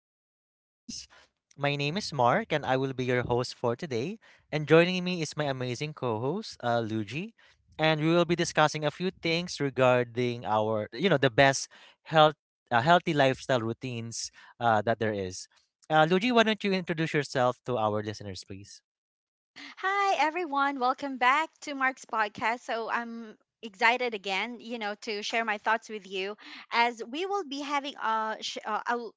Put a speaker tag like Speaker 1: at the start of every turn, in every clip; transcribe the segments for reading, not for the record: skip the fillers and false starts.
Speaker 1: awesome podcast. My name is Mark, and I will be your host for today. And joining me is my amazing co-host, Luigi, and we will be discussing a few things regarding the best health, healthy lifestyle routines that there is. Luigi, why don't you introduce yourself to our listeners, please?
Speaker 2: Hi, everyone. Welcome back to Mark's podcast. So I'm excited again, you know, to share my thoughts with you as we will be having sh- a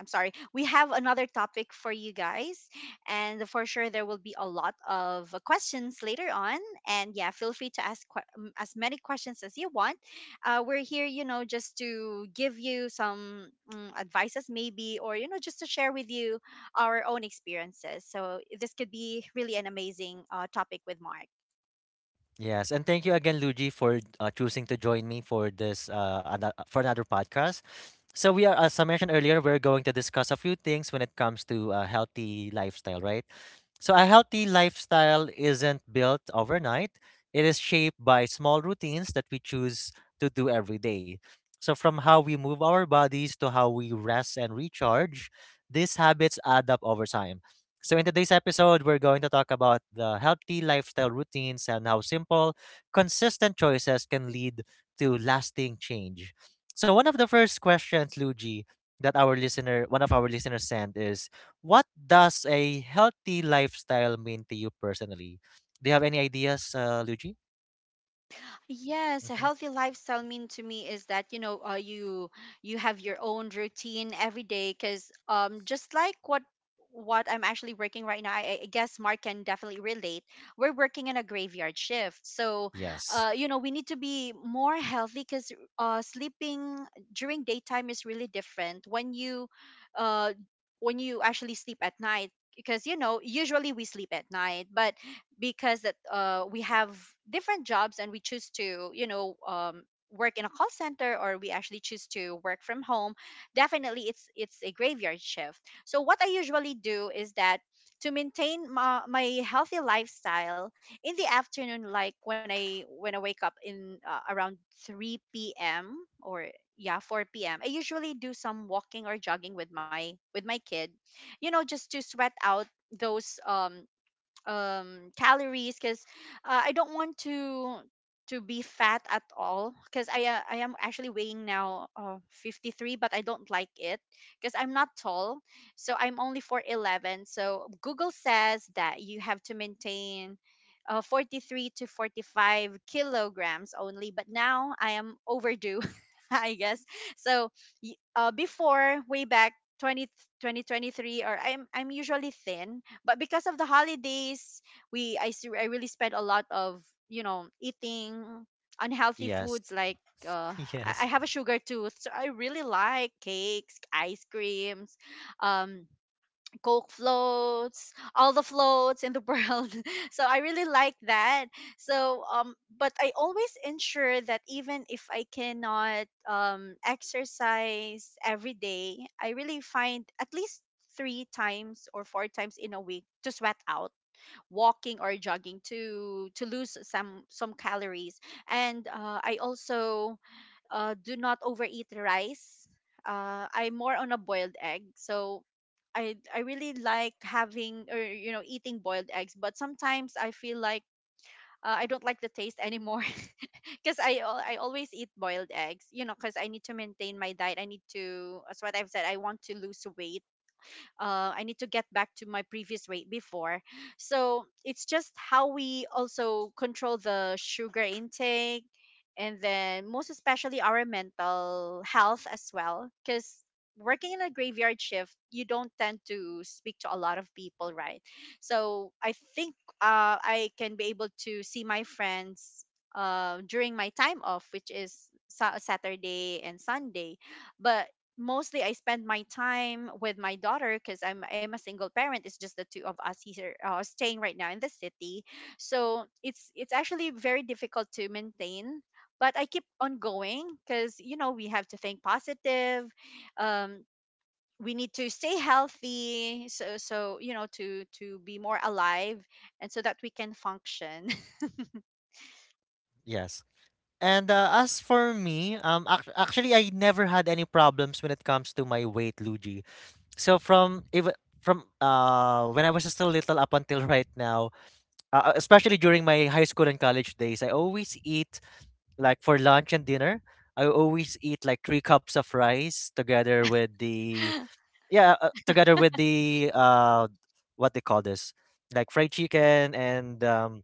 Speaker 2: I'm sorry. We have another topic for you guys. And for sure, there will be a lot of questions later on. And yeah, feel free to ask as many questions as you want. We're here, just to give you some advices, maybe, or, just to share with you our own experiences. So this could be really an amazing topic with Mark.
Speaker 1: Yes, and thank you again, Luigi, for choosing to join me for this for another podcast. So as I mentioned earlier, we're going to discuss a few things when it comes to a healthy lifestyle, right? So a healthy lifestyle isn't built overnight. It is shaped by small routines that we choose to do every day. So from how we move our bodies to how we rest and recharge, these habits add up over time. So, in today's episode, we're going to talk about the healthy lifestyle routines and how simple, consistent choices can lead to lasting change. So, one of the first questions, Luigi, that one of our listeners sent is, what does a healthy lifestyle mean to you personally? Do you have any ideas, Luigi?
Speaker 2: Yes, a
Speaker 1: Hmm.
Speaker 2: healthy lifestyle mean to me is that you have your own routine every day because just like what I'm actually working right now, I guess Mark can definitely relate. We're working in a graveyard shift, so
Speaker 1: Yes,
Speaker 2: we need to be more healthy because sleeping during daytime is really different uh, when you actually sleep at night, because usually we sleep at night, but because that we have different jobs, and we choose to work in a call center, or we actually choose to work from home. Definitely it's a graveyard shift. So what I usually do is that to maintain my healthy lifestyle in the afternoon, like when I wake up in around 3 p.m or yeah 4 p.m, I usually do some walking or jogging with my kid, just to sweat out those calories, because I don't want to be fat at all, because I am actually weighing now 53, but I don't like it because I'm not tall. So I'm only 4'11, so Google says that you have to maintain 43 to 45 kilograms only, but now I am overdue. I guess. So before, way back 20 2023, or I'm usually thin, but because of the holidays, I really spent a lot of eating unhealthy
Speaker 1: yes,
Speaker 2: foods, like uh, I
Speaker 1: yes,
Speaker 2: have a sugar tooth, so I really like cakes, ice creams, um Coke floats, all the floats in the world. So I really like that. So but I always ensure that even if I cannot exercise every day, I really find at least three times or four times in a week to sweat out, walking or jogging, to lose some calories. And I also do not overeat rice. I'm more on a boiled egg, so I really like having, or eating boiled eggs. But sometimes I feel like I don't like the taste anymore, because I always eat boiled eggs. Because I need to maintain my diet. I need to, as what I've said, I want to lose weight. I need to get back to my previous weight before. So it's just how we also control the sugar intake, and then most especially our mental health as well. Because working in a graveyard shift, you don't tend to speak to a lot of people, right? So I think I can be able to see my friends during my time off, which is Saturday and Sunday. But mostly I spend my time with my daughter, because I'm a single parent. It's just the two of us here staying right now in the city, so it's actually very difficult to maintain. But I keep on going, because we have to think positive. Um, we need to stay healthy, so to be more alive, and so that we can function.
Speaker 1: yes. And as for me, actually, I never had any problems when it comes to my weight, Luigi. So from when I was still little up until right now, especially during my high school and college days, I always eat, like, for lunch and dinner. I always eat like three cups of rice together with the, yeah, together with the, what they call this, like, fried chicken and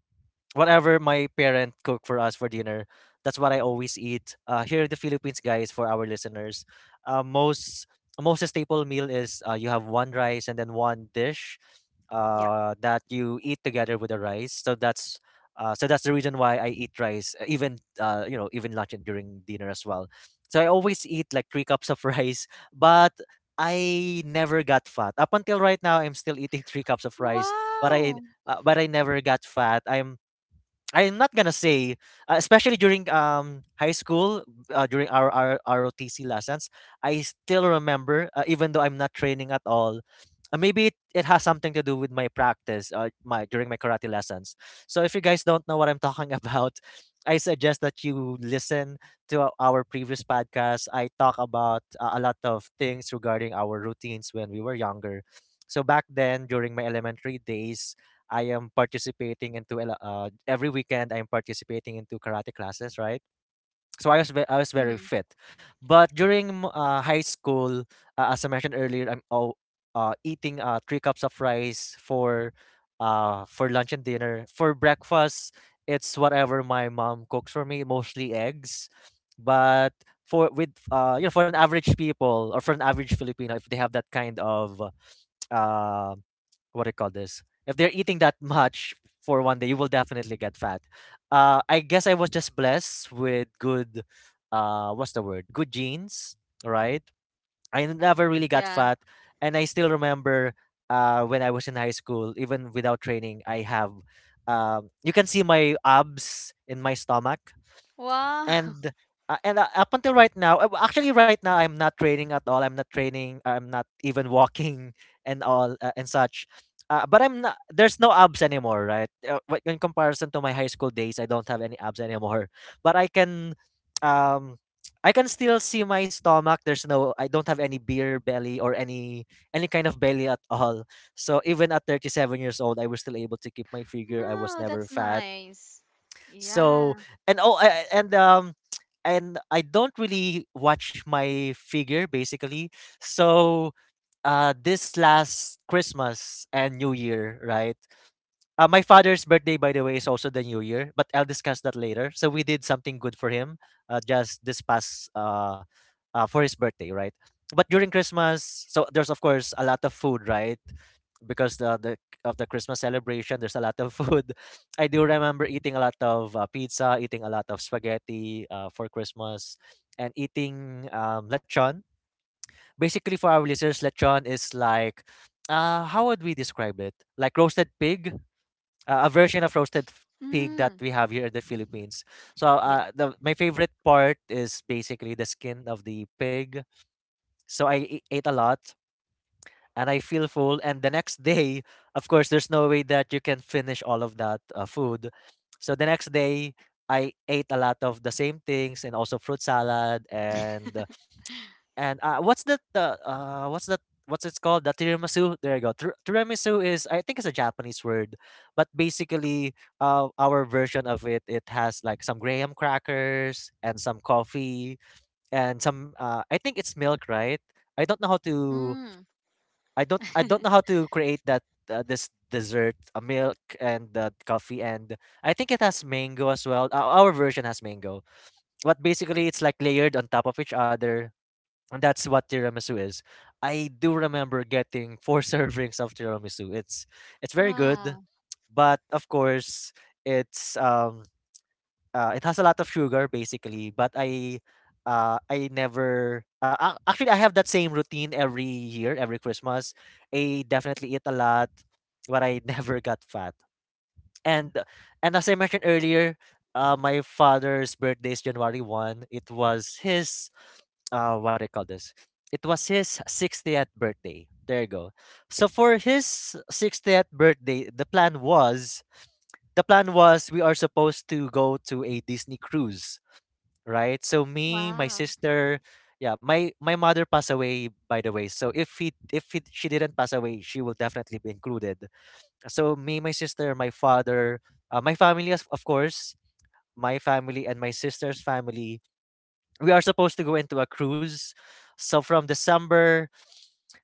Speaker 1: whatever my parent cooked for us for dinner, that's what I always eat. Here in the Philippines, guys, for our listeners, uh, most most staple meal is, you have one rice and then one dish
Speaker 2: Yeah.
Speaker 1: that you eat together with the rice. So that's the reason why I eat rice, even you know, even lunch and during dinner as well. So I always eat like three cups of rice, but I never got fat. Up until right now, I'm still eating three cups of rice, but I
Speaker 2: Wow.
Speaker 1: but I never got fat. I'm not gonna say, especially during high school, during our ROTC lessons, I still remember, even though I'm not training at all, maybe it has something to do with my practice, my during my karate lessons. So if you guys don't know what I'm talking about, I suggest that you listen to our previous podcast. I talk about a lot of things regarding our routines when we were younger. So back then, during my elementary days, I am participating into a lo- every weekend I'm participating into karate classes, right? So I was very
Speaker 2: Mhm.
Speaker 1: fit. But high school, as I mentioned earlier, eating three cups of rice for lunch and dinner. For breakfast, it's whatever my mom cooks for me, mostly eggs. But for with, you know, for an average people or for an average Filipino, if they have that kind of, uh, what do you call this? If they're eating that much for one day, you will definitely get fat. I guess I was just blessed with good, what's the word? Good genes, right? I never really got
Speaker 2: Yeah.
Speaker 1: fat, and I still remember, when I was in high school, even without training, I have. You can see my abs in my stomach,
Speaker 2: Wow.
Speaker 1: and and up until right now, actually right now, I'm not training at all. I'm not even walking and such, but I'm not there's no abs anymore, right? In comparison to my high school days, I don't have any abs anymore, but I can um I can still see my stomach. There's no I don't have any beer belly or any kind of belly at all. So even at 37 years old, I was still able to keep my figure. I was
Speaker 2: No,
Speaker 1: never
Speaker 2: that's
Speaker 1: fat.
Speaker 2: nice.
Speaker 1: so
Speaker 2: Yeah.
Speaker 1: and oh a- and um and I don't really watch my figure basically. So this last Christmas and New Year, right? My father's birthday, by the way, is also the New Year, but I'll discuss that later. So we did something good for him, just this past, for his birthday, right? But during Christmas, so there's, of course, a lot of food, right? Because the of the Christmas celebration, there's a lot of food. I do remember eating a lot of pizza, eating a lot of spaghetti for Christmas, and eating lechon. Basically, for our listeners, lechon is like, how would we describe it? Like roasted pig, a version of pig that
Speaker 2: Mm.
Speaker 1: we have here in the Philippines. So,
Speaker 2: Yeah.
Speaker 1: the my favorite part is basically the skin of the pig. So ate a lot, and I feel full. And the next day, of course, there's no way that you can finish all of that food. So the next day, I ate a lot of the same things and also fruit salad and, what's that, what's that, what's it's called, the tiramisu, there you go. Tiramisu is, I think it's a Japanese word, but basically, our version of it, it has like some graham crackers and some coffee and some, I think it's milk, right? I don't know how to,
Speaker 2: Mm.
Speaker 1: I don't know how to create that, this dessert, a milk and coffee, and I think it has mango as well. Our version has mango, but basically it's like layered on top of each other, and that's what tiramisu is. I do remember getting four servings of tiramisu. It's very
Speaker 2: Wow.
Speaker 1: good, but of course, it's um it has a lot of sugar basically, but I never, actually I have that same routine every year, every Christmas. I definitely eat a lot, but I never got fat. And and as I mentioned earlier, my father's birthday is January 1. It was his, what do you call this? It was his 60th birthday. There you go. So for his 60th birthday, the plan was we are supposed to go to a Disney cruise, right? So me, my
Speaker 2: Wow.
Speaker 1: sister, yeah, my mother passed away, by the way. So if he, she didn't pass away, she will definitely be included. So me, my sister, my father, my family of course, my family and my sister's family. We are supposed to go into a cruise. So from December,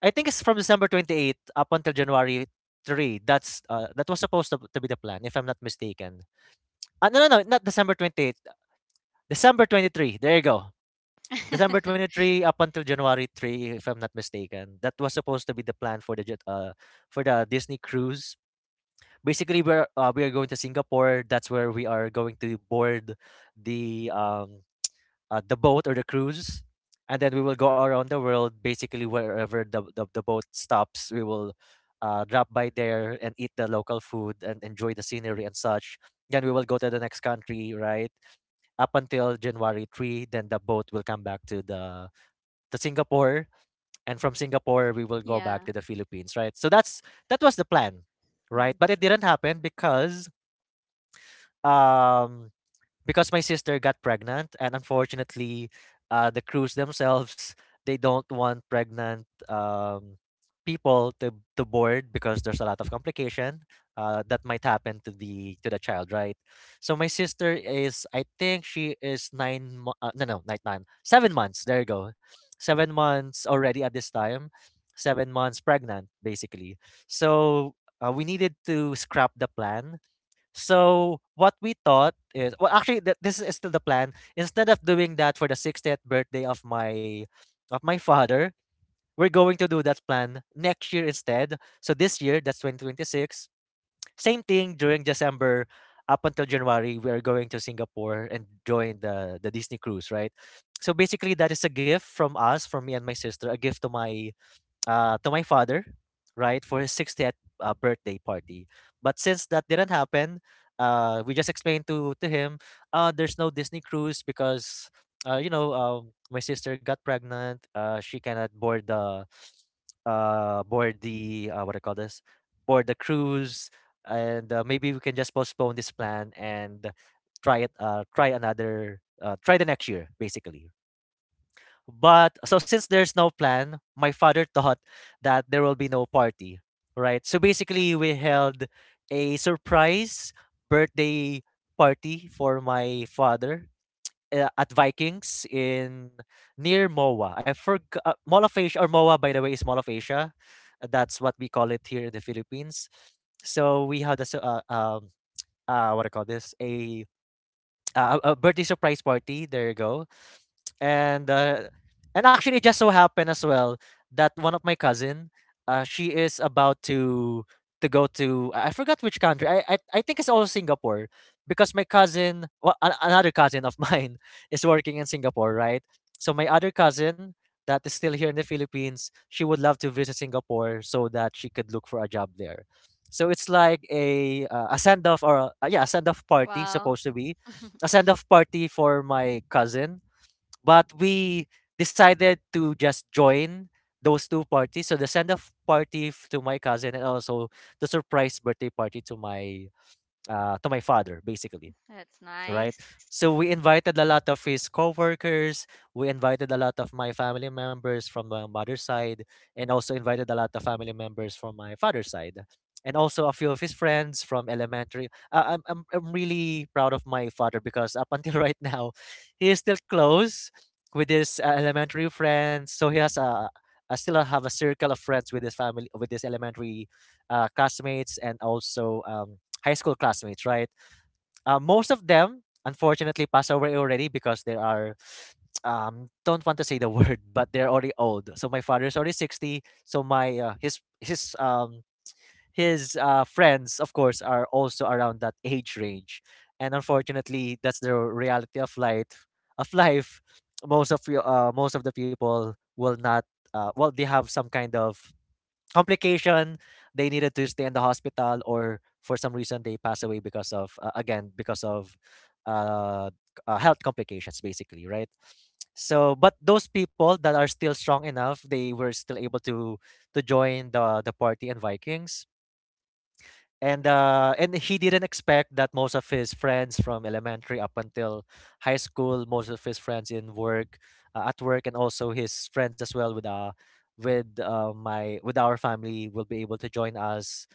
Speaker 1: I think it's from December 28th up until January 3. That's, that was supposed to be the plan, if I'm not mistaken. No, no, no, not December 28th. December 23. There you go. December 23 up until January 3, if I'm not mistaken. That was supposed to be the plan for for the Disney cruise. Basically, we are going to Singapore. That's where we are going to board the um the boat or the cruise, and then we will go around the world. Basically, wherever the boat stops, we will, drop by there and eat the local food and enjoy the scenery and such. Then we will go to the next country, right? Up until January 3. Then the boat will come back to Singapore, and from Singapore we will
Speaker 2: Yeah.
Speaker 1: go back to the Philippines, right? So that's, that was the
Speaker 2: Mhm.
Speaker 1: plan, right? But it didn't happen um because my sister got pregnant and unfortunately, the crews themselves, they don't want pregnant people to board because there's a lot of complication that might happen to the child, right? So my sister is, I think she is nine mo- no no not nine seven months, there you go. 7 months already at this time, 7 months pregnant basically. So, we needed to scrap the plan. So what we thought is, well, actually, this is still the plan. Instead of doing that for the 60th birthday of my father, we're going to do that plan next year instead. So this year, that's 2026. Same thing during December up until January, we are going to Singapore and join the Disney cruise, right? So basically that is a gift from us, from me and my sister, a gift to my, to my father, right, for his 60th birthday party. But since that didn't happen, we just explained to him, there's no Disney cruise because, my sister got pregnant. She cannot board the, board the what I call this, board the cruise, and maybe we can just postpone this plan and try it, try another, try the next year, basically, but so since there's no plan, my father thought that there will be no party, right? So basically, we held a surprise birthday party for my father at Vikings in near MOA. I forgot Mall of Asia, or MOA, by the way, is Mall of Asia. That's what we call it here in the Philippines. So we had a su- what do I call this a birthday surprise party. There you go. And and actually, it just so happened as well that one of my cousin, she is about to go to, I forgot which country, I think it's also Singapore, because my cousin, well, a- another cousin of mine is working in Singapore, right? So my other cousin that is still here in the Philippines, she would love to visit Singapore so that she could look for a job there. So it's like a send off, or a, yeah, a send off party,
Speaker 2: Wow.
Speaker 1: supposed to be a send off party for my cousin. But we decided to just join those two parties. So the send off party f- to my cousin, and also the surprise birthday party to my father, basically,
Speaker 2: That's
Speaker 1: right?
Speaker 2: nice.
Speaker 1: So we invited a lot of his coworkers. We invited a lot of my family members from my mother's side, and also invited a lot of family members from my father's side, and also a few of his friends from elementary. I'm really proud of my father because up until right now, he is still close with his elementary friends. So he has a, I still have a circle of friends with his family, with his elementary classmates, and also high school classmates, right? Most of them, unfortunately, passed away already because they are, don't want to say the word, but they're already old. So my father is already 60. So my his friends, of course, are also around that age range, and unfortunately, that's the reality of life. Of life, most of the people will not. Well, they have some kind of complication, they needed to stay in the hospital, or for some reason they pass away because of again because of c- health complications, basically, right? So, but those people that are still strong enough, they were still able to join the party and Vikings, and he didn't expect that most of his friends from elementary up until high school, most of his friends in work, at work, and also his friends as well with my with our family will be able to join us.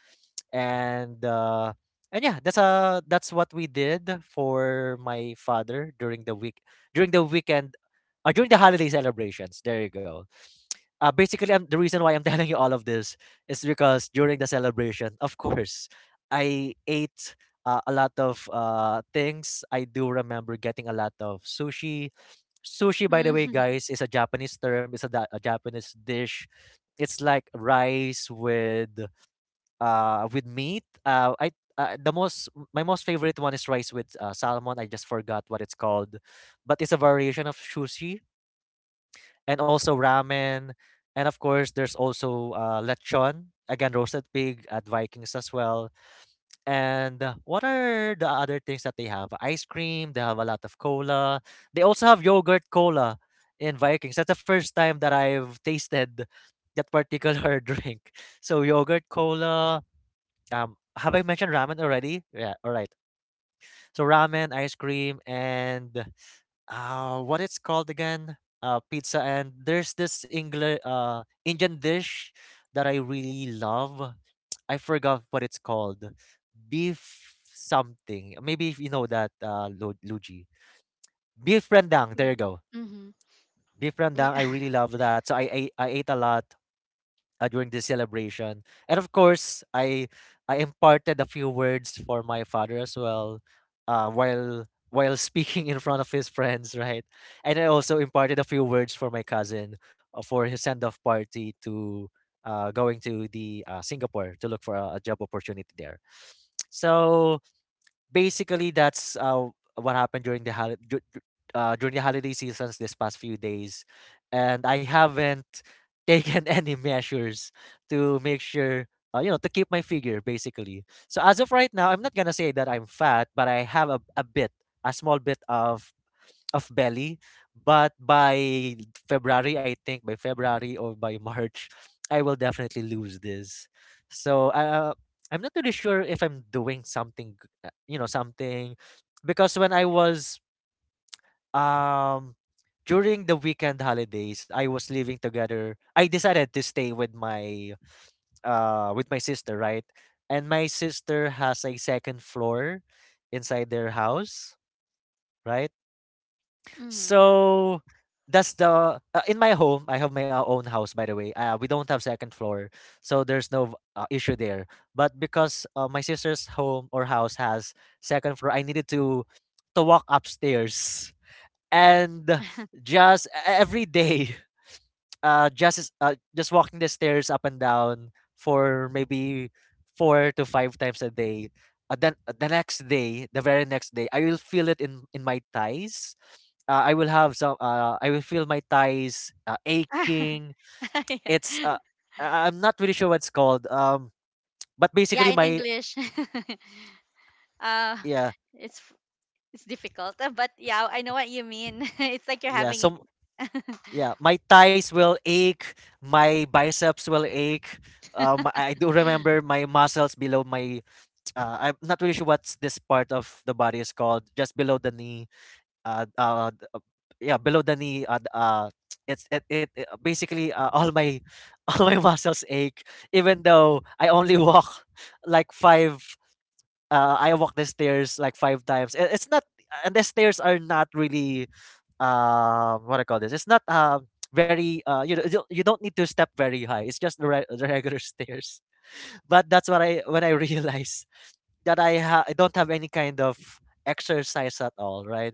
Speaker 1: And uh and yeah, that's that's what we did for my father during the week, during the weekend, during the holiday celebrations. There you go. Uh, basically, I'm, the reason why I'm telling you all of this is because during the celebration, of course, I ate a lot of things. I do remember getting a lot of sushi. Sushi, by the way,
Speaker 2: Mm-hmm.
Speaker 1: guys, is a Japanese term. It's a Japanese dish. It's like rice with meat. I the most My most favorite one is rice with salmon. I just forgot what it's called, but it's a variation of sushi, and also ramen. And of course, there's also lechon, again, roasted pig, at Vikings as well. And what are the other things that they have? Ice cream, they have a lot of cola. They also have yogurt cola in Vikings. That's the first time that I've tasted that particular drink. So, yogurt cola. Have I mentioned ramen already? Yeah, all right. So, ramen, ice cream, and what it's called again pizza, and there's this Engli Indian dish that I really love. I forgot what it's called. Beef something. Maybe if you know that, Luigi. Beef rendang, there you go.
Speaker 2: Mm-hmm.
Speaker 1: Beef rendang,
Speaker 2: Yeah.
Speaker 1: I really love that. So I ate, I ate a lot during this celebration. And of course, I imparted a few words for my father as well, while speaking in front of his friends, right? And I also imparted a few words for my cousin, for his send off party, to going to the Singapore to look for a job opportunity there. So, basically, that's what happened during the holi- dur- dur- during the holiday seasons this past few days, and I haven't taken any measures to make sure. You know, to keep my figure, basically. So as of right now, I'm not gonna say that I'm fat, but I have a bit, a small bit of belly. But by February, I think by February or by March, I will definitely lose this. So I'm not really sure if I'm doing something, you know, something, because when I was um during the weekend holidays, I was living together. I decided to stay with my sister, right? And my sister has a second floor inside their house, right?
Speaker 2: Mm-hmm.
Speaker 1: So that's the in my home. I have my own house, by the way. We don't have second floor, so there's no issue there. But because my sister's home or house has second floor, I needed to walk upstairs, and just every day, just walking the stairs up and down for maybe four to five times a day, the next day, the very next day, I will feel it in my thighs. I will feel my thighs aching.
Speaker 2: Yeah.
Speaker 1: It's I'm not really sure what's called, but
Speaker 2: Yeah,
Speaker 1: basically
Speaker 2: in
Speaker 1: my
Speaker 2: English. uh
Speaker 1: yeah,
Speaker 2: it's f- it's difficult, but yeah, I know what you mean. It's like you're
Speaker 1: yeah
Speaker 2: having.
Speaker 1: some yeah my thighs will ache, my biceps will ache. I do remember my muscles below my, I'm not really sure what's this part of the body is called. Just below the knee. Uh, uh, d- uh, yeah, below the knee. It basically all my all my muscles ache. Even though I only walk like five. I walk the stairs like five times. It's not, and the stairs are not really. What I call this? It's not. Very, you know, you don't need to step very high, it's just the regular stairs. But that's what, I when I realized that I don't have any kind of exercise at all, right?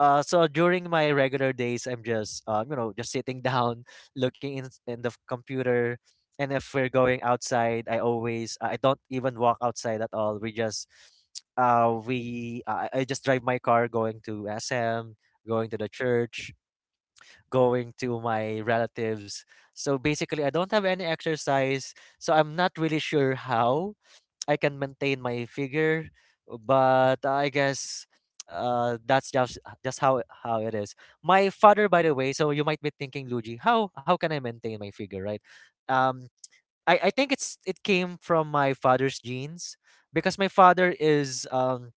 Speaker 1: So during my regular days, I'm just you know, just sitting down, looking in the computer, and if we're going outside, I always I don't even walk outside at all. We just I just drive my car going to SM, going to the church, going to my relatives. So basically, I don't have any exercise. So I'm not really sure how I can maintain my figure, but I guess that's just how it is. My father, by the way, so you might be thinking, Luigi, how can I maintain my figure, right? Um I think it's, it came from my father's genes because my father is um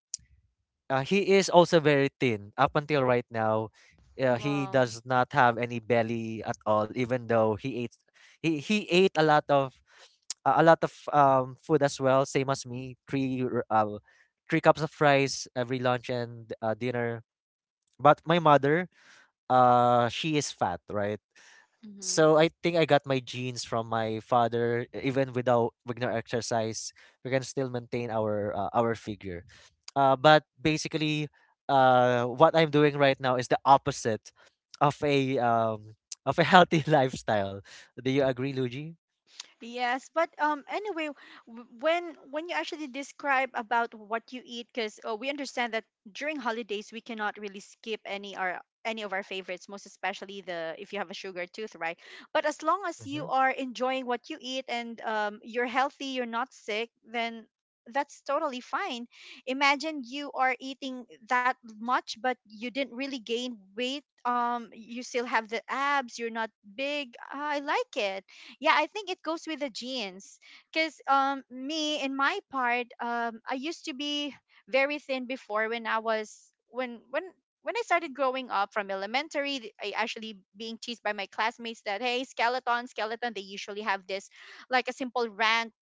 Speaker 1: uh, he is also very thin. Up until right now, he
Speaker 2: Wow.
Speaker 1: does not have any belly at all. Even though he ate a lot of food as well. Same as me, three cups of rice every lunch and dinner. But my mother, she is fat, right?
Speaker 2: Mhm.
Speaker 1: So I think I got my genes from my father. Even without, with no exercise, we can still maintain our figure. But basically, what I'm doing right now is the opposite of a of a healthy lifestyle. Do you agree, Luigi?
Speaker 2: Yes, but anyway, when you actually describe about what you eat, because we understand that during holidays we cannot really skip any of our favorites, most especially the, if you have a sugar tooth, right? But as long as
Speaker 1: Mm-hmm.
Speaker 2: you are enjoying what you eat and you're healthy, you're not sick, then that's totally fine. Imagine you are eating that much, but you didn't really gain weight. You still have the abs. You're not big. I like it. Yeah, I think it goes with the genes. Because me, in my part, I used to be very thin before, when I was when I started growing up from elementary. I actually being teased by my classmates that, hey, skeleton, skeleton. They usually have this, like, a simple rant.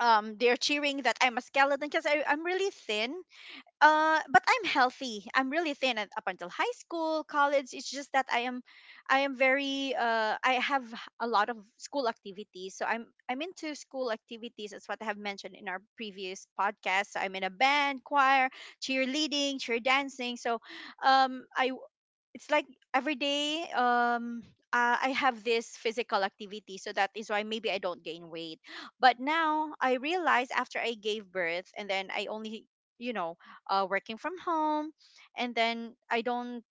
Speaker 2: They're cheering that I'm a skeleton because I'm really thin, but I'm healthy. I'm really thin up until high school, college. It's just that I am very, I have a lot of school activities. So I'm into school activities. That's what I have mentioned in our previous podcast. So I'm in a band, choir, cheerleading, cheer dancing. So I it's like every day. I have this physical activity, so that is why maybe I don't gain weight. But now I realize, after I gave birth and then I only you know working from home and then I don't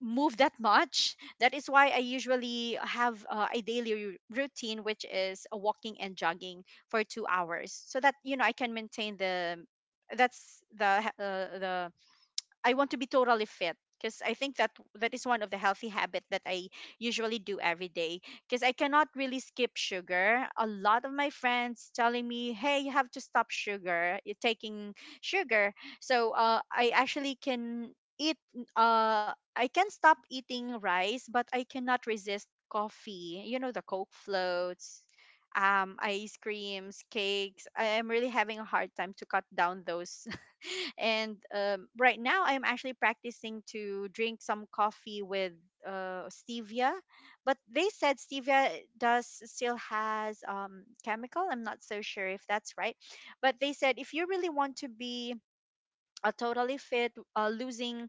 Speaker 2: move that much, that is why I usually have a daily routine, which is a walking and jogging for 2 hours, so that I can maintain the. That's the, the, I want to be totally fit, because I think that that is one of the healthy habit that I usually do every day, because I cannot really skip sugar. A lot of my friends telling me, "Hey, you have to stop sugar. You're taking sugar." So, I actually can eat. I can stop eating rice, but I cannot resist coffee. The Coke floats, ice creams, cakes. I am really having a hard time to cut down those, and right now, I'm actually practicing to drink some coffee with stevia, but they said stevia does still has chemical. I'm not so sure if that's right, but they said if you really want to be totally fit, losing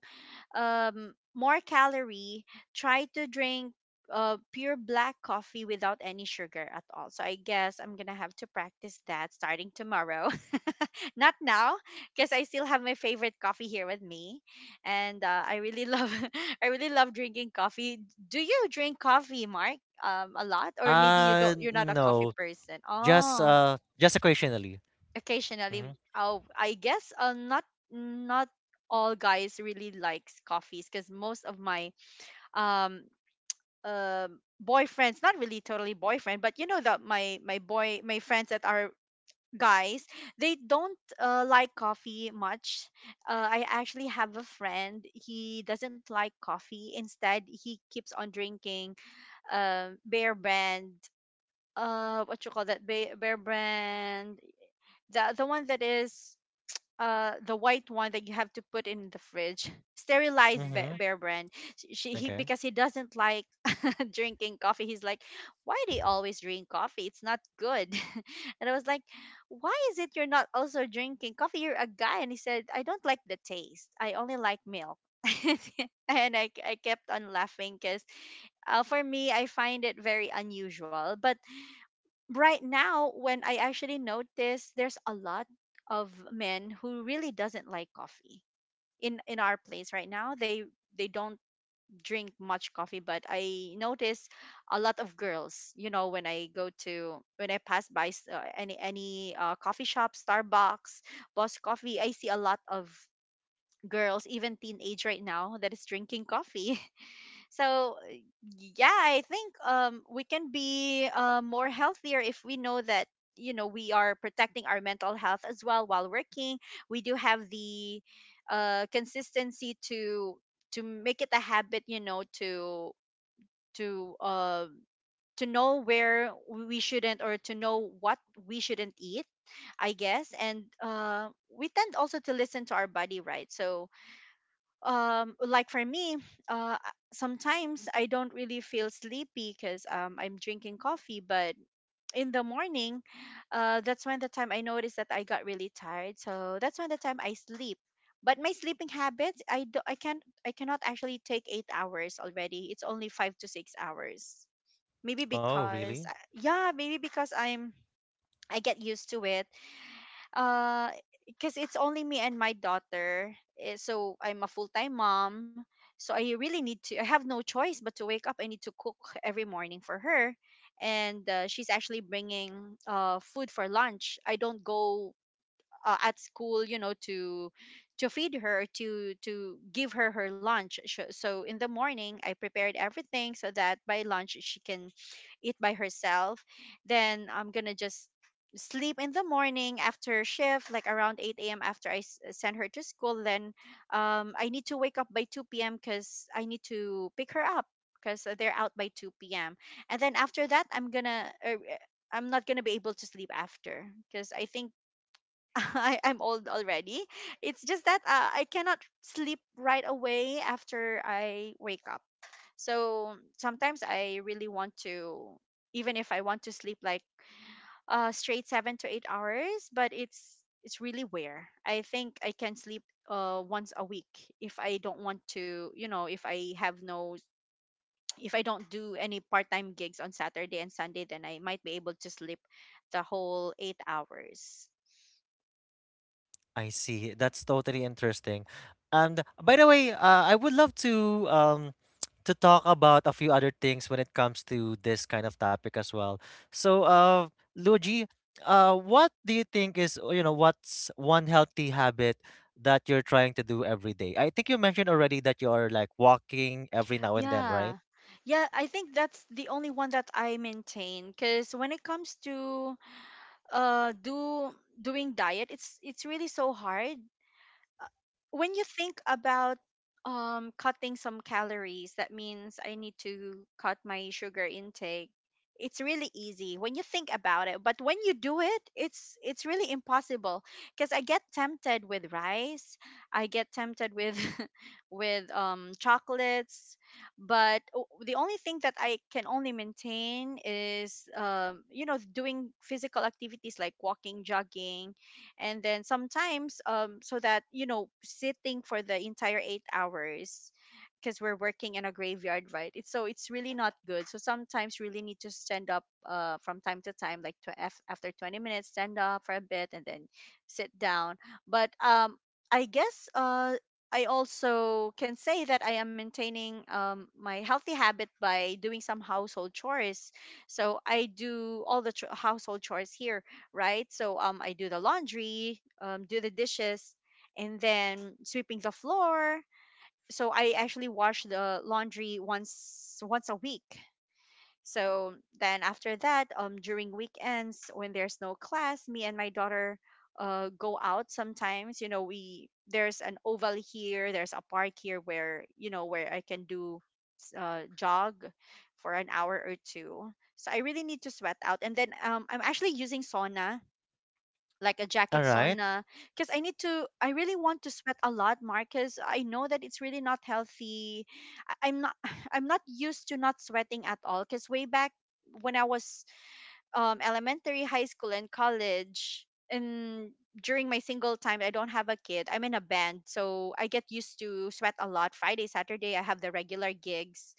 Speaker 2: more calorie, try to drink pure black coffee without any sugar at all. So I guess I'm gonna have to practice that starting tomorrow. Not now, because I still have my favorite coffee here with me, and I really love I really love drinking coffee. Do you drink coffee, Mark? A lot, or maybe you don't. You're not a coffee
Speaker 1: No,
Speaker 2: person. Oh,
Speaker 1: just occasionally.
Speaker 2: occasionally.
Speaker 1: Mm-hmm.
Speaker 2: Oh, I guess not all guys really likes coffees, because most of my um um boyfriends, not really totally boyfriend, but you know that my friends that are guys, they don't like coffee much. I actually have a friend. He doesn't like coffee. Instead, he keeps on drinking Bear Brand. What you call that, bear, Bear Brand, the one that is the white one, that you have to put in the fridge, sterilized
Speaker 1: Mm-hmm.
Speaker 2: Bear Brand. He,
Speaker 1: Okay.
Speaker 2: because he doesn't like drinking coffee. He's like, "Why do you always drink coffee? It's not good." And I was like, "Why is it you're not also drinking coffee? You're a guy." And he said, "I don't like the taste. I only like milk." And I kept on laughing, because for me I find it very unusual. But right now, when I actually notice, there's a lot of men who really doesn't like coffee in our place right now. They don't drink much coffee. But I notice a lot of girls, when I pass by any coffee shop, Starbucks, Boss Coffee, I see a lot of girls, even teenage right now, that is drinking coffee. So yeah, I think we can be more healthier if we know that, we are protecting our mental health as well while working. We do have the consistency to make it a habit, to uh to know where we shouldn't, or to know what we shouldn't eat, I guess. And we tend also to listen to our body, right? So like for me sometimes I don't really feel sleepy because I'm drinking coffee, but in the morning that's when the time I noticed that I got really tired, so that's when the time I sleep. But my sleeping habits, I do I can't I cannot actually take 8 hours already, it's only 5 to 6 hours maybe
Speaker 1: Oh,
Speaker 2: because
Speaker 1: really?
Speaker 2: yeah, maybe because I get used to it. uh because it's only me and my daughter eh, so I'm a full-time mom, so I have no choice but to wake up. I need to cook every morning for her. And She's actually bringing food for lunch. I don't go at school, you know, to feed her, to give her her lunch. So in the morning I prepared everything so that by lunch she can eat by herself. Then I'm gonna just sleep in the morning after shift, like around 8 a.m., after I send her to school. Then I need to wake up by 2 p.m. because I need to pick her up, because they're out by 2 p.m. And then after that I'm gonna I'm not gonna be able to sleep after, because I think I'm old already. It's just that I cannot sleep right away after I wake up. So sometimes I really want to, even if I want to sleep like straight 7 to 8 hours, but it's really rare. I think I can sleep once a week. If I don't want to, you know, if I have no, if I don't do any part time gigs on Saturday and Sunday, then I might be able to sleep the whole 8 hours.
Speaker 1: I see. That's totally interesting. And by the way, I would love to talk about a few other things when it comes to this kind of topic as well. So, Luigi, what do you think is you know what's one healthy habit that you're trying to do every day? I think you mentioned already that you are like walking every now and then,
Speaker 2: Yeah.
Speaker 1: right?
Speaker 2: Yeah, I think that's the only one that I maintain, because when it comes to do doing diet, it's really so hard. When you think about cutting some calories, that means I need to cut my sugar intake. It's really easy when you think about it, but when you do it, it's really impossible, because I get tempted with rice, I get tempted with with chocolates. But the only thing that I can only maintain is you know, doing physical activities like walking, jogging. And then sometimes, so that, you know, sitting for the entire 8 hours, because we're working in a graveyard, right? it's so it's really not good, so sometimes really need to stand up from time to time, like after 20 minutes stand up for a bit and then sit down. But I guess I also can say that I am maintaining my healthy habit by doing some household chores. So I do all the household chores here, right? So I do the laundry, do the dishes, and then sweeping the floor. So I actually wash the laundry once a week. So then after that, during weekends when there's no class, me and my daughter go out sometimes. You know, we there's an oval here, there's a park here where, you know, where I can do jog for an hour or two. So I really need to sweat out. And then I'm actually using sauna, like a
Speaker 1: All
Speaker 2: jacket
Speaker 1: right.
Speaker 2: sauna, because I really want to sweat a lot, Marcus. I know that it's really not healthy. I'm not I'm not used to not sweating at all, because way back when I was elementary, high school, and college. And during my single time, I don't have a kid, I'm in a band, so I get used to sweat a lot. Friday, Saturday, I have the regular gigs.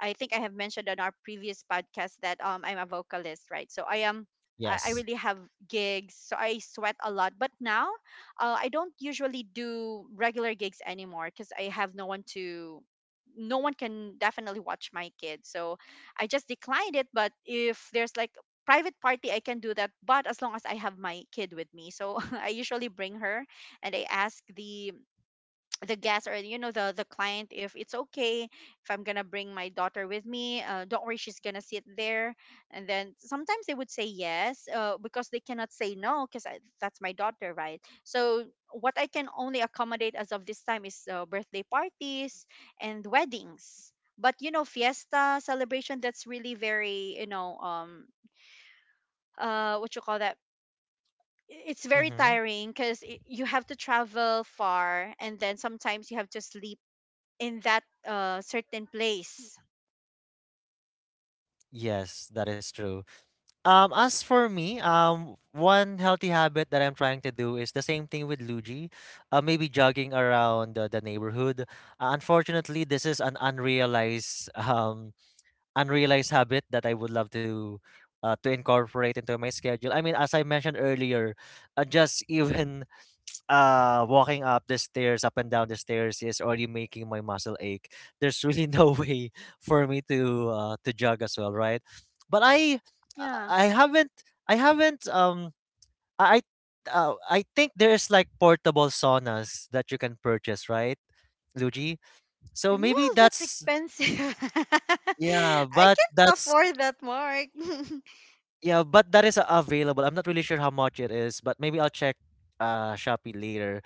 Speaker 2: I think I have mentioned on our previous podcast that I'm a vocalist, right? So I am. I
Speaker 1: Yes.
Speaker 2: really have gigs, so I sweat a lot. But now, I don't usually do regular gigs anymore because I have no one to. No one can definitely watch my kid, so I just declined it. But if there's like private party, I can do that, but as long as I have my kid with me. So I usually bring her, and I ask the guest, or you know, the client if it's okay if I'm gonna bring my daughter with me. Don't worry, she's gonna sit there. And then sometimes they would say yes, because they cannot say no, because that's my daughter, right? So what I can only accommodate as of this time is birthday parties and weddings. But you know, fiesta celebration, that's really very, you know, what you call that, it's very
Speaker 1: Mm-hmm.
Speaker 2: tiring because you have to travel far and then sometimes you have to sleep in that certain place.
Speaker 1: Yes, that is true. As for me, one healthy habit that I'm trying to do is the same thing with Luigi, maybe jogging around the neighborhood. Unfortunately, this is an unrealized unrealized habit that I would love to incorporate into my schedule. I mean, as I mentioned earlier, just even walking up the stairs, up and down the stairs, is already making my muscle ache. There's really no way for me to jog as well, right? But
Speaker 2: Yeah,
Speaker 1: I haven't I haven't I I think there's like portable saunas that you can purchase, right, Luigi? So maybe
Speaker 2: well, that's
Speaker 1: that's,
Speaker 2: expensive.
Speaker 1: yeah,
Speaker 2: I
Speaker 1: but
Speaker 2: can't
Speaker 1: that's,
Speaker 2: afford that, Mark.
Speaker 1: yeah, but that is available. I'm not really sure how much it is, but maybe I'll check Shopee later.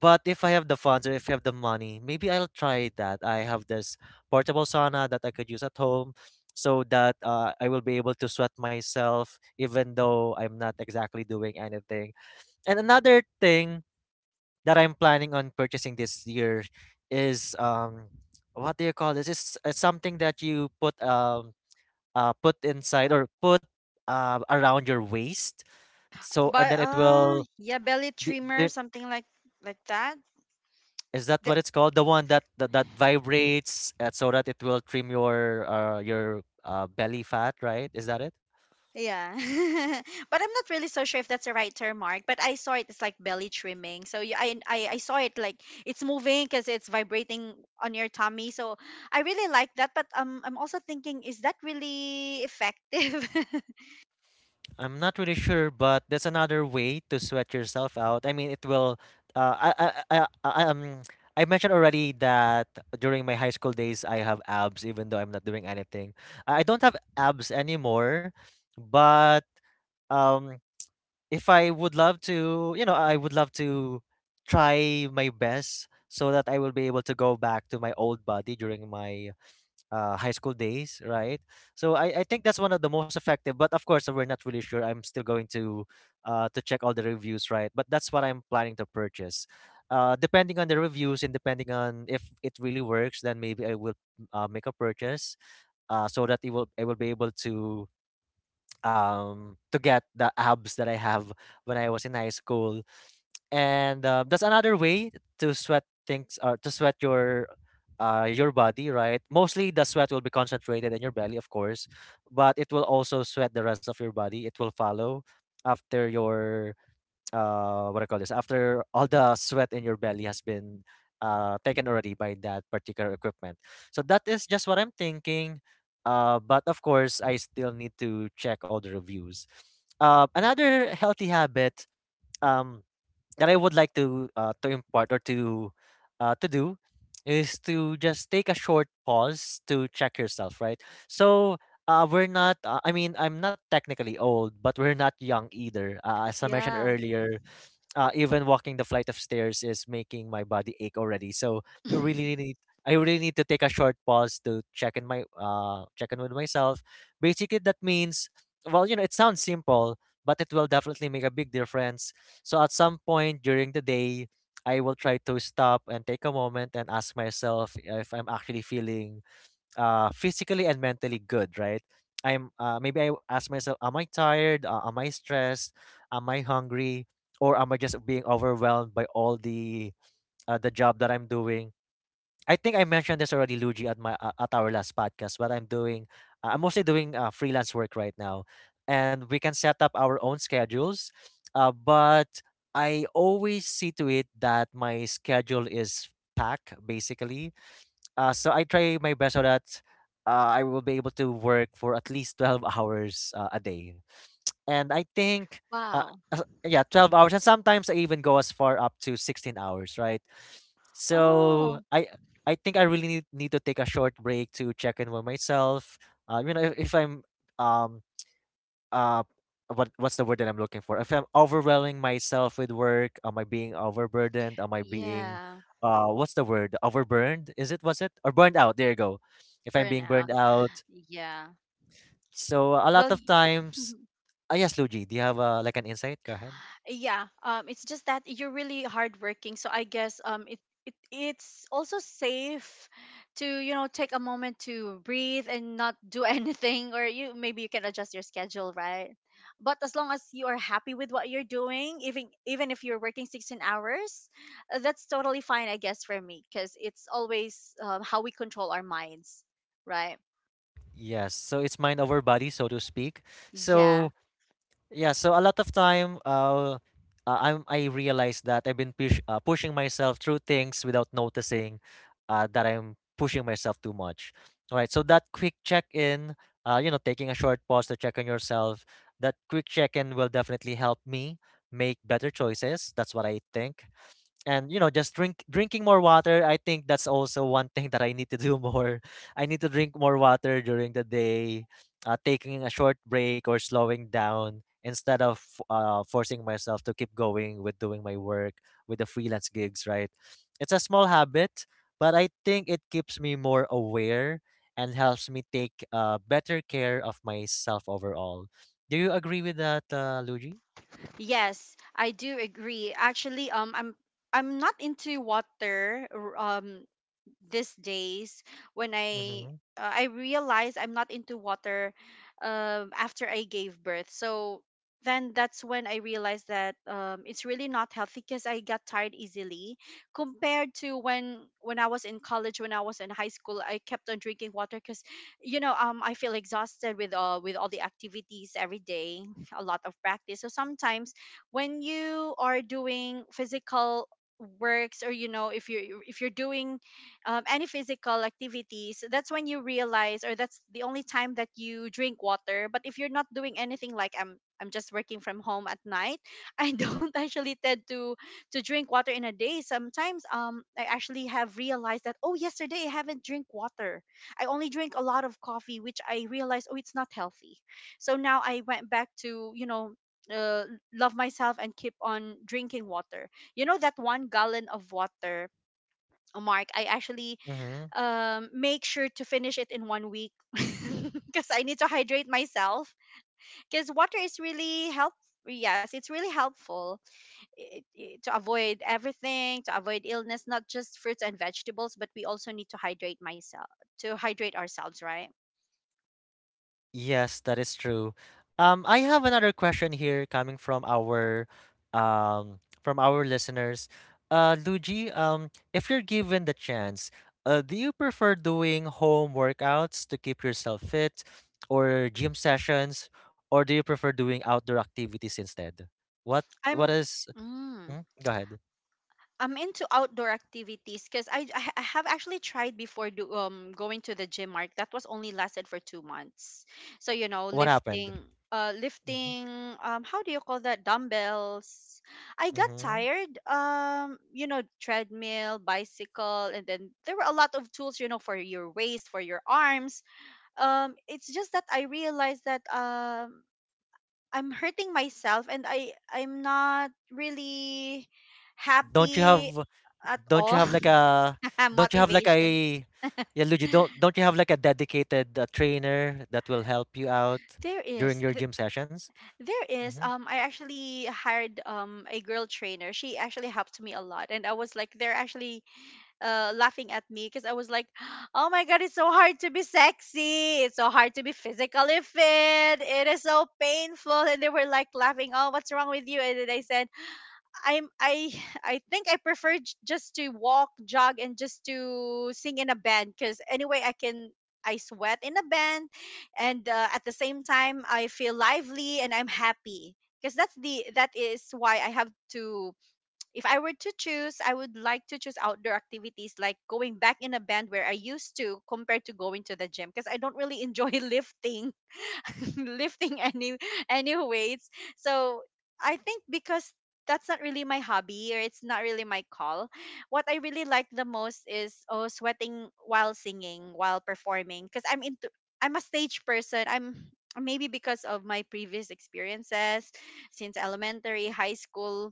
Speaker 1: But if I have the funds or if I have the money, maybe I'll try that. I have this portable sauna that I could use at home so that I will be able to sweat myself even though I'm not exactly doing anything. And another thing that I'm planning on purchasing this year is what do you call this? It's something that you put put inside or put around your waist. So and
Speaker 2: but
Speaker 1: then it
Speaker 2: uh
Speaker 1: will
Speaker 2: yeah, belly trimmer,
Speaker 1: the,
Speaker 2: something like that.
Speaker 1: is that what it's called? The one that vibrates so that it will trim your belly fat, right? Is that it?
Speaker 2: Yeah. But I'm not really so sure if that's the right term, Mark. But I saw it, it's like belly trimming. So yeah, I saw it, like it's moving because it's vibrating on your tummy. So I really like that. But I'm also thinking, is that really effective?
Speaker 1: I'm not really sure, but that's another way to sweat yourself out. I mean, it will. Uh, I, I, I, I, um, I mentioned already that during my high school days, I have abs, even though I'm not doing anything. I don't have abs anymore, but um if I would love to, you know, I would love to try my best so that I will be able to go back to my old body during my high school days, right? So I think that's one of the most effective. But of course, we're not really sure. I'm still going to check all the reviews, right? But that's what I'm planning to purchase. Depending on the reviews and depending on if it really works, then maybe I will make a purchase so that it will I will be able to get the abs that I have when I was in high school. And that's another way to sweat things or to sweat your body, right? Mostly the sweat will be concentrated in your belly, of course, but it will also sweat the rest of your body. It will follow after your what I call this, after all the sweat in your belly has been taken already by that particular equipment. So that is just what I'm thinking. But of course, I still need to check all the reviews. Another healthy habit um, that I would like to impart or to do is to just take a short pause to check yourself, right? So, we're not. I mean, I'm not technically old, but we're not young either. As I mentioned
Speaker 2: Yeah.
Speaker 1: earlier, even walking the flight of stairs is making my body ache already. So I really need I really need to take a short pause to check in with myself. Basically, that means, well, it sounds simple, but it will definitely make a big difference. So at some point during the day, I will try to stop and take a moment and ask myself if I'm actually feeling physically and mentally good, right? I'm Maybe I ask myself, am I tired? Am I stressed? Am I hungry? Or am I just being overwhelmed by all the job that I'm doing? I think I mentioned this already, Luigi, at our last podcast. But I'm mostly doing freelance work right now, and we can set up our own schedules. But I always see to it that my schedule is packed, basically, so I try my best so that uh, I will be able to work for at least 12 hours a day. And I think,
Speaker 2: Wow.
Speaker 1: uh, yeah, 12 hours. And sometimes I even go as far up to 16 hours, right?
Speaker 2: Oh,
Speaker 1: So I think I really need to take a short break to check in with myself. If, I'm um uh what's the word that I'm looking for? If I'm overwhelming myself with work, am I being overburdened? Am I being
Speaker 2: yeah.
Speaker 1: what's the word? Overburned? Is it, was it? Or burned out. There you go. If I'm being
Speaker 2: Burnout.
Speaker 1: burned out.
Speaker 2: Yeah.
Speaker 1: So a
Speaker 2: Well,
Speaker 1: lot of times, yes, Luigi, do you have like an insight? Go ahead.
Speaker 2: Yeah, it's just that you're really hardworking, so I guess, it it's also safe to, you know, take a moment to breathe and not do anything, or you maybe you can adjust your schedule, right? But as long as you are happy with what you're doing, even if you're working 16 hours, that's totally fine, I guess, for me, because it's always, how we control our minds, right?
Speaker 1: Yes. So it's mind over body, so to speak.
Speaker 2: Yeah.
Speaker 1: So, yeah, so a lot of time, I realized that I've been pushing myself through things without noticing, that I'm pushing myself too much. All right, so that quick check in, taking a short pause to check on yourself, that quick check in will definitely help me make better choices. That's what I think. And you know just drinking more water. I think that's also one thing that I need to do more. I need to drink more water during the day. Taking a short break or slowing down instead of forcing myself to keep going with doing my work with the freelance gigs, right? It's a small habit, but I think it keeps me more aware and helps me take better care of myself overall. Do you agree with that, Luigi?
Speaker 2: Yes, I do agree. Actually, I'm not into water these days when
Speaker 1: Mm-hmm.
Speaker 2: I realized I'm not into water after I gave birth. So then that's when I realized that it's really not healthy because I got tired easily compared to when I was in college, when I was in high school. I kept on drinking water because, you know, I feel exhausted with all the activities every day, a lot of practice. So sometimes when you are doing physical works, or you know, if you, if you're doing any physical activities, that's when you realize, or that's the only time that you drink water. But if you're not doing anything, like I'm just working from home at night, I don't actually tend to drink water in a day. Sometimes, I actually have realized that, oh, yesterday I haven't drink water. I only drink a lot of coffee, which I realized, oh, it's not healthy. So now I went back to, you know. Uh, Love myself and keep on drinking water. You know that 1 gallon of water, Mark. I actually
Speaker 1: Mm-hmm.
Speaker 2: make sure to finish it in 1 week because I need to hydrate myself. Because water is really help. Yes, it's really helpful to avoid everything, to avoid illness, not just fruits and vegetables, but we also need to hydrate myself, to hydrate ourselves, right?
Speaker 1: Yes, that is true. I have another question here coming from our listeners. Luigi, if you're given the chance, do you prefer doing home workouts to keep yourself fit, or gym sessions, or do you prefer doing outdoor activities instead? What what
Speaker 2: I'm.
Speaker 1: is?
Speaker 2: Mm.
Speaker 1: Mm, go ahead.
Speaker 2: I'm into outdoor activities because, I have actually tried before going to the gym, Mark. That was only lasted for 2 months. So you know,
Speaker 1: What happened?
Speaker 2: lifting, uh
Speaker 1: Mm-hmm.
Speaker 2: lifting how do you call that, dumbbells. I got
Speaker 1: Mm-hmm.
Speaker 2: tired. You know, treadmill, bicycle, and then there were a lot of tools, you know, for your waist, for your arms. It's just that I realized that I'm hurting myself, and I'm not really
Speaker 1: Don't you have
Speaker 2: happy at
Speaker 1: don't you
Speaker 2: all.
Speaker 1: have like a don't you have like
Speaker 2: Motivation.
Speaker 1: a Yeah, Luigi, don't you have like a dedicated trainer that will help you out
Speaker 2: There
Speaker 1: during
Speaker 2: is
Speaker 1: your
Speaker 2: th-
Speaker 1: gym sessions?
Speaker 2: there is
Speaker 1: Mm-hmm.
Speaker 2: I actually hired a girl trainer. She actually helped me a lot, and I was like, they're actually laughing at me, cuz I was like, "Oh my god, it's so hard to be sexy. It's so hard to be physically fit. It is so painful." And they were like laughing, "Oh, what's wrong with you?" And then I said, I'm I I think I prefer just to walk, jog, and just to sing in a band, because anyway I can I sweat in a band, and at the same time I feel lively and I'm happy because that's the that is why I have to. If I were to choose, I would like to choose outdoor activities like going back in a band where I used to, compared to going to the gym, because I don't really enjoy lifting. Lifting any weights. So I think because that's not really my hobby, or it's not really my call. What I really like the most is, oh, sweating while singing, while performing, because I'm a stage person. I'm maybe because of my previous experiences since elementary, high school,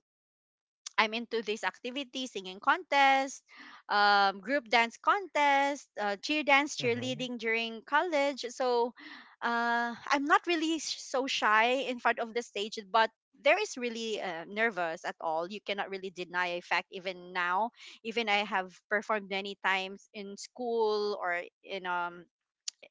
Speaker 2: I'm into these activities, singing contest, group dance contest, cheer dance,
Speaker 1: Mm-hmm.
Speaker 2: cheerleading during college. So I'm not really so shy in front of the stage, but there is really nervous at all. You cannot really deny a fact even now. Even I have performed many times in school or in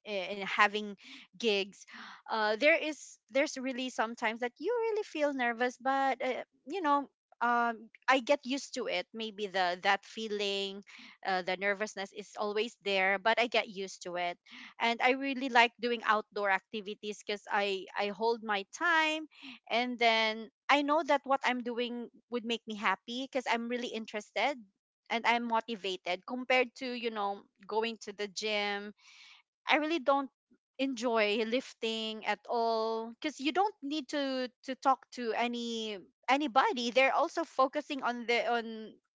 Speaker 2: and having gigs there's really sometimes that you really feel nervous but I get used to it, maybe the that feeling, the nervousness is always there, but I get used to it. And I really like doing outdoor activities because I hold my time, and then I know that what I'm doing would make me happy because I'm really interested and I'm motivated compared to, you know, going to the gym. I really don't enjoy lifting at all because you don't need to talk to anybody. They're also focusing on the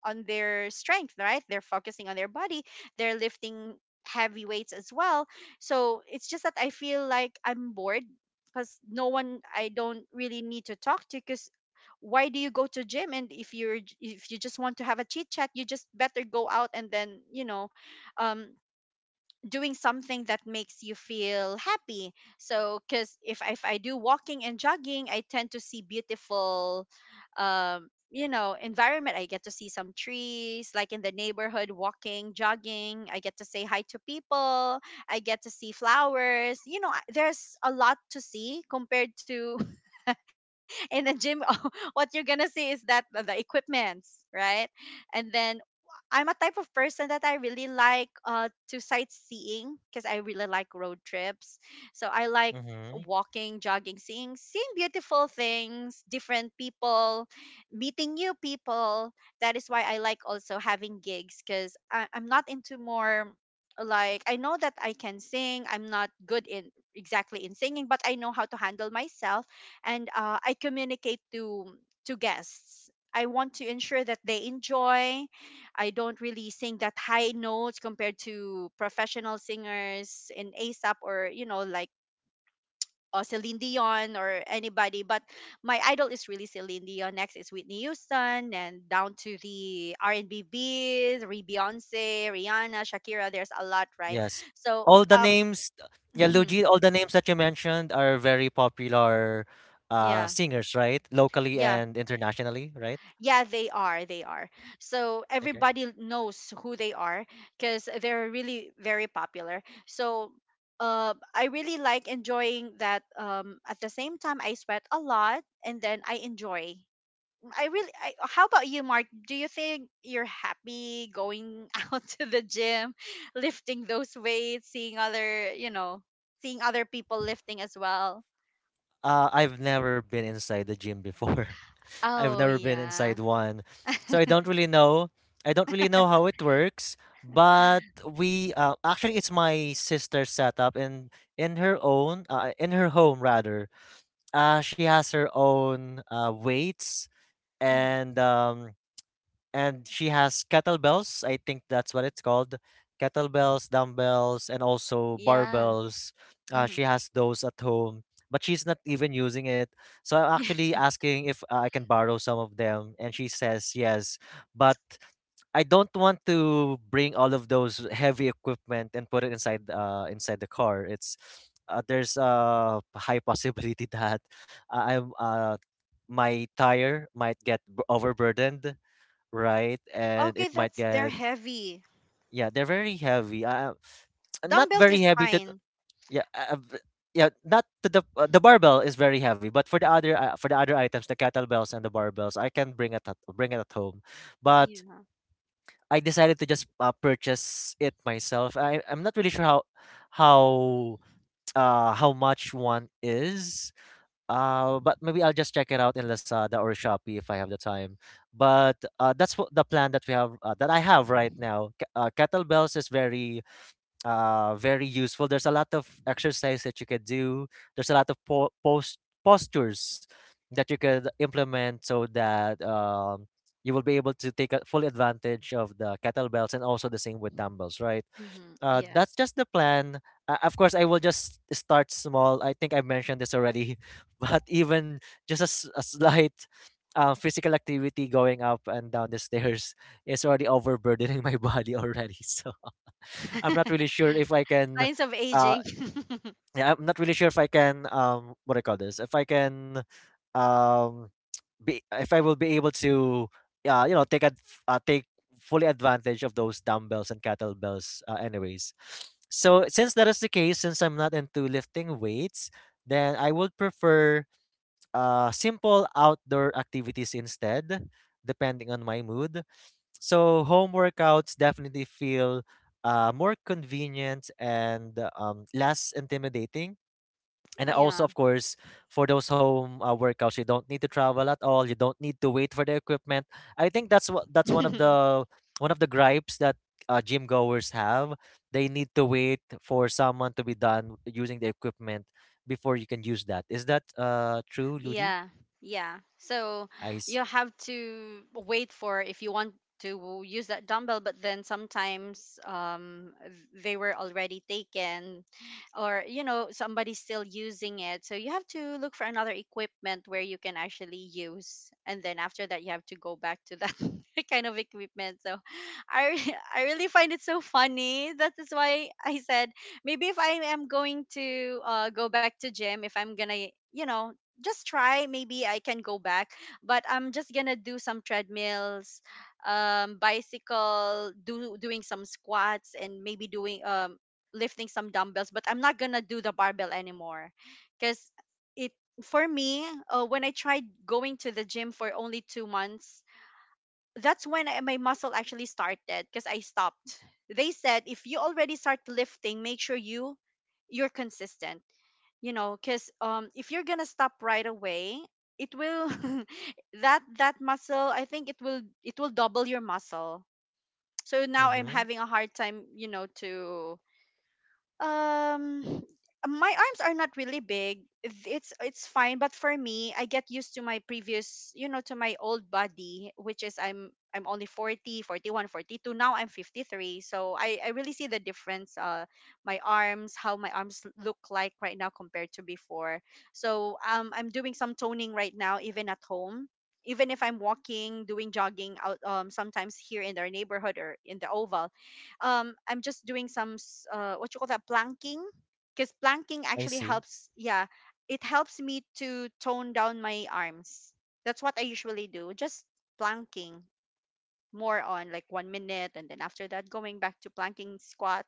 Speaker 2: on their strength, right? They're focusing on their body. They're lifting heavy weights as well. So it's just that I feel like I'm bored because no one I don't really need to talk to because why do you go to gym? And if you're if you just want to have a chit chat, you just better go out and then, you know, um doing something that makes you feel happy. So because if I do walking and jogging, I tend to see beautiful, you know, environment. I get to see some trees like in the neighborhood walking, jogging. I get to say hi to people, I get to see flowers. You know, there's a lot to see compared to in the gym. What you're gonna see is that the equipments, right? And then I'm a type of person that I really like to sightseeing because I really like road trips. So I like
Speaker 1: Mm-hmm.
Speaker 2: walking, jogging, seeing beautiful things, different people, meeting new people. That is why I like also having gigs because I'm not into more, like, I know that I can sing. I'm not good in exactly in singing, but I know how to handle myself, and I communicate to guests. I want to ensure that they enjoy. I don't really sing that high notes compared to professional singers in ASAP or, you know, like Celine Dion or anybody. But my idol is really Celine Dion. Next is Whitney Houston, and down to the R and B B's, Re Beyonce, Rihanna, Shakira. There's a lot, right?
Speaker 1: Yes.
Speaker 2: So
Speaker 1: All the names, yeah, Luigi, all the names that you mentioned are very popular
Speaker 2: yeah,
Speaker 1: singers, right? Locally
Speaker 2: yeah.
Speaker 1: and internationally, right?
Speaker 2: Yeah, they are. They are. So everybody knows who they are because they're really very popular. So I really like enjoying that. At the same time, I sweat a lot and then I enjoy. How about you, Mark? Do you think you're happy going out to the gym, lifting those weights, seeing other, you know, seeing other people lifting as well?
Speaker 1: I've never been inside the gym before. I've
Speaker 2: Oh,
Speaker 1: never been
Speaker 2: yeah.
Speaker 1: inside one. So I don't really know. I don't really know how it works, but we actually it's my sister's setup in her home, rather. She has her own weights,
Speaker 2: hmm
Speaker 1: and and she has kettlebells. I think that's what it's called. Kettlebells, dumbbells, and also
Speaker 2: Yeah.
Speaker 1: barbells.
Speaker 2: hmm
Speaker 1: She has those at home, but she's not even using it. So I'm actually asking if I can borrow some of them, and she says yes. But I don't want to bring all of those heavy equipment and put it inside the car. It's There's a high possibility that I'm my tire might get overburdened, right? And
Speaker 2: Okay,
Speaker 1: it might
Speaker 2: that's, they're
Speaker 1: get,
Speaker 2: heavy.
Speaker 1: yeah, they're very heavy. Not
Speaker 2: Dumbbells
Speaker 1: very
Speaker 2: is
Speaker 1: heavy to,
Speaker 2: fine.
Speaker 1: yeah, yeah, not to the barbell is very heavy, but for the other items, the kettlebells and the barbells, I can bring it at home. But
Speaker 2: Yeah.
Speaker 1: I decided to just purchase it myself. I'm not really sure how how much one is, but maybe I'll just check it out in Lazada or Shopee if I have the time. But that's what the plan that I have right now. Kettlebells is very useful. There's a lot of exercise that you can do. There's a lot of postures that you could implement so that you will be able to take a full advantage of the kettlebells and also the same with dumbbells, right?
Speaker 2: hmm Yeah.
Speaker 1: That's just the plan. Of course, I will just start small. I think I mentioned this already, but even just a slight physical activity going up and down the stairs is already overburdening my body already. So I'm not really sure if I can.
Speaker 2: Signs of
Speaker 1: Uh,
Speaker 2: aging.
Speaker 1: yeah, I'm not really sure if I can. What do I call this? If I can. Um, be if I will be able to uh, you know take ad- take fully advantage of those dumbbells and kettlebells anyways. So since that is the case, since I'm not into lifting weights, then I would prefer simple outdoor activities instead, depending on my mood. So home workouts definitely feel more convenient and less intimidating, and also,
Speaker 2: Yeah.
Speaker 1: of course, for those home workouts, you don't need to travel at all. You don't need to wait for the equipment. I think that's one of the gripes that gym goers have. They need to wait for someone to be done using the equipment before you can use that. Is that true, Luigi?
Speaker 2: Yeah, yeah. So
Speaker 1: I s-
Speaker 2: you have to wait for, if you want to use that dumbbell, but then sometimes they were already taken, or, you know, somebody's still using it. So you have to look for another equipment where you can actually use, and then after that you have to go back to that kind of equipment. So I really find it so funny. That is why I said maybe if I am going to, go back to gym, if I'm gonna, you know, just try, maybe I can go back, but I'm just gonna do some treadmills, bicycle, do doing some squats, and maybe doing lifting some dumbbells, but I'm not gonna do the barbell anymore because it, for me, when I tried going to the gym for only 2 months, that's when my muscle actually started because I stopped. They said if you already start lifting, make sure you're consistent, you know, because if you're gonna stop right away, it will that muscle, I think it will double your muscle. So now I'm
Speaker 1: mm-hmm.
Speaker 2: having a hard time, you know, to um, my arms are not really big. It's fine, but for me, I get used to my previous, you know, to my old body, which is I'm only 40, 41, 42. Now I'm 53. So I really see the difference, my arms, how my arms look like right now compared to before. So I'm doing some toning right now even at home. Even if I'm walking, doing jogging out, sometimes here in our neighborhood or in the oval, I'm just doing some what you call that, planking, because planking
Speaker 1: I
Speaker 2: actually
Speaker 1: see.
Speaker 2: helps, yeah, it helps me to tone down my arms. That's what I usually do, just planking, more on like 1 minute, and then after that going back to planking, squat.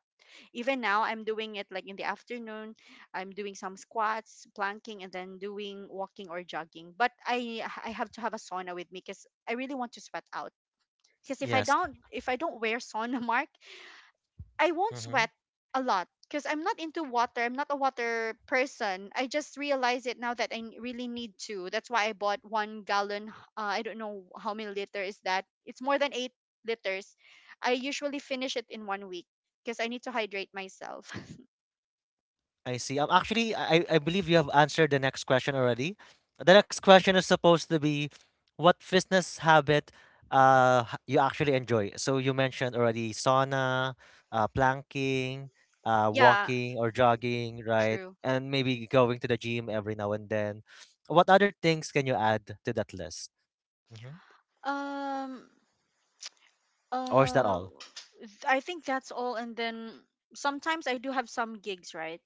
Speaker 2: Even now I'm doing it like in the afternoon. I'm doing some squats, planking, and then doing walking or jogging, but I have to have a sauna with me because I really want to sweat out. Because if I
Speaker 1: Yes.
Speaker 2: don't, if I don't wear sauna, Mark, I won't
Speaker 1: Mm-hmm.
Speaker 2: sweat a lot because I'm not into water. I'm not a water person. I just realize it now that really need to. That's why I bought 1 gallon. I don't know how many liter is that. It's more than 8 liters. I usually finish it in 1 week because I need to hydrate myself.
Speaker 1: I see. Actually, I believe you have answered the next question already. The next question is supposed to be what fitness habit you actually enjoy. So you mentioned already sauna, planking,
Speaker 2: Yeah,
Speaker 1: walking or jogging, right?
Speaker 2: true.
Speaker 1: And maybe going to the gym every now and then. What other things can you add to that list? hmm
Speaker 2: Um,
Speaker 1: Or is that
Speaker 2: uh,
Speaker 1: all?
Speaker 2: I think that's all. And then sometimes I do have some gigs, right?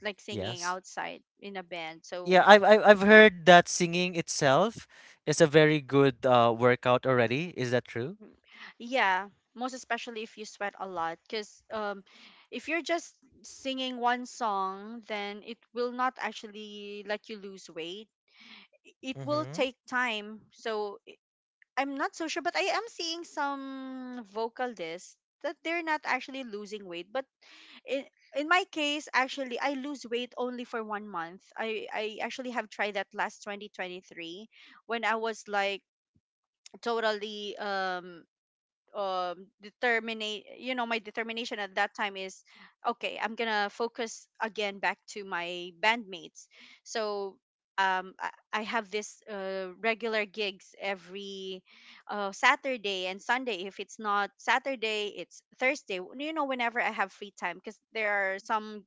Speaker 2: Like singing
Speaker 1: Yes.
Speaker 2: outside in a band.
Speaker 1: Yeah,
Speaker 2: So
Speaker 1: I've heard that singing itself is a very good workout already. Is that true?
Speaker 2: yeah, most especially if you sweat a lot, because if you're just singing one song, then it will not actually let you lose weight. It will
Speaker 1: Mm-hmm.
Speaker 2: take time. So I'm not so sure, but I am seeing some vocalists that they're not actually losing weight. But in in my case, actually, I lose weight only for 1 month. I actually have tried that last 2023 when I was like totally determinate, you know, my determination at that time is, okay, I'm gonna focus again back to my bandmates. So um i, I have this regular gigs every Saturday and Sunday. If it's not Saturday, it's Thursday, you know, whenever I have free time, because there are some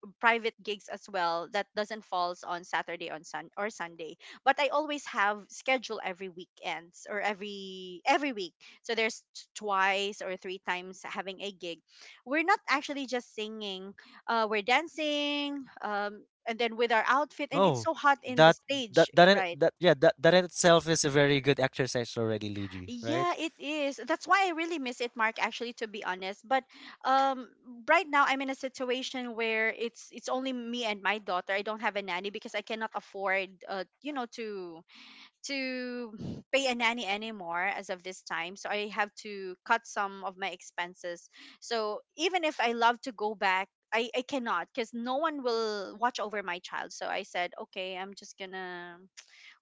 Speaker 2: private gigs as well that doesn't falls on Saturday on Sunday. But I always have schedule every weekends or every week. So there's twice or three times having a gig. We're not actually just singing. We're dancing. And then with our outfit, and it's
Speaker 1: Oh,
Speaker 2: so hot in the
Speaker 1: that that
Speaker 2: stage,
Speaker 1: that in-
Speaker 2: right?
Speaker 1: that yeah that that in itself is a very good exercise already, Luigi, right?
Speaker 2: Yeah, it is. That's why I really miss it, Mark, actually, to be honest. But um right now I'm in a situation where it's only me and my daughter. I don't have a nanny because I cannot afford, you know, to to pay a nanny anymore as of this time. So I have to cut some of my expenses. So even if I love to go back, I cannot because no one will watch over my child. So I said, okay, I'm just gonna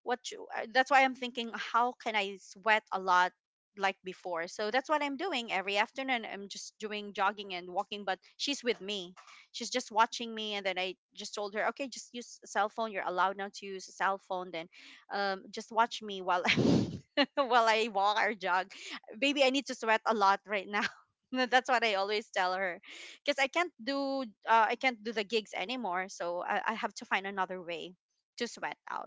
Speaker 2: that's why I'm thinking how can I sweat a lot like before. So that's what I'm doing every afternoon. I'm just doing jogging and walking, but she's with me. She's just watching me, and then I just told her, "Okay, just use a cell phone. You're allowed now to use a cell phone, then just watch me while while I walk or jog. Baby, I need to sweat a lot right now." That's what I always tell her because I can't do, I can't do the gigs anymore, so I have to find another way to sweat out.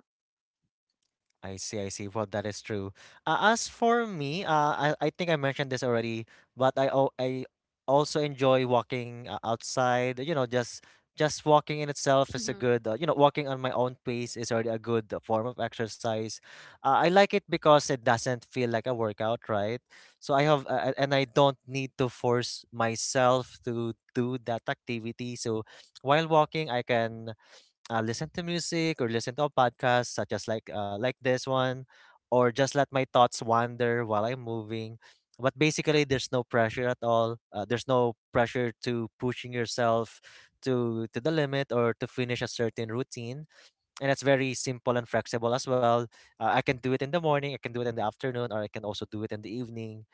Speaker 1: I see, I see. Well, that is true. As for me, I think I mentioned this already, but I also enjoy walking outside. You know, just walking in itself is a good. Walking on my own pace is already a good form of exercise. I like it because it doesn't feel like a workout, right? So I have, and I don't need to force myself to do that activity. So while walking, I can listen to music or listen to a podcast such as like this one, or just let my thoughts wander while I'm moving. But basically, there's no pressure at all. There's no pressure to pushing yourself to the limit or to finish a certain routine, and it's very simple and flexible as well. I can do it in the morning, I can do it in the afternoon, or I can also do it in the evening,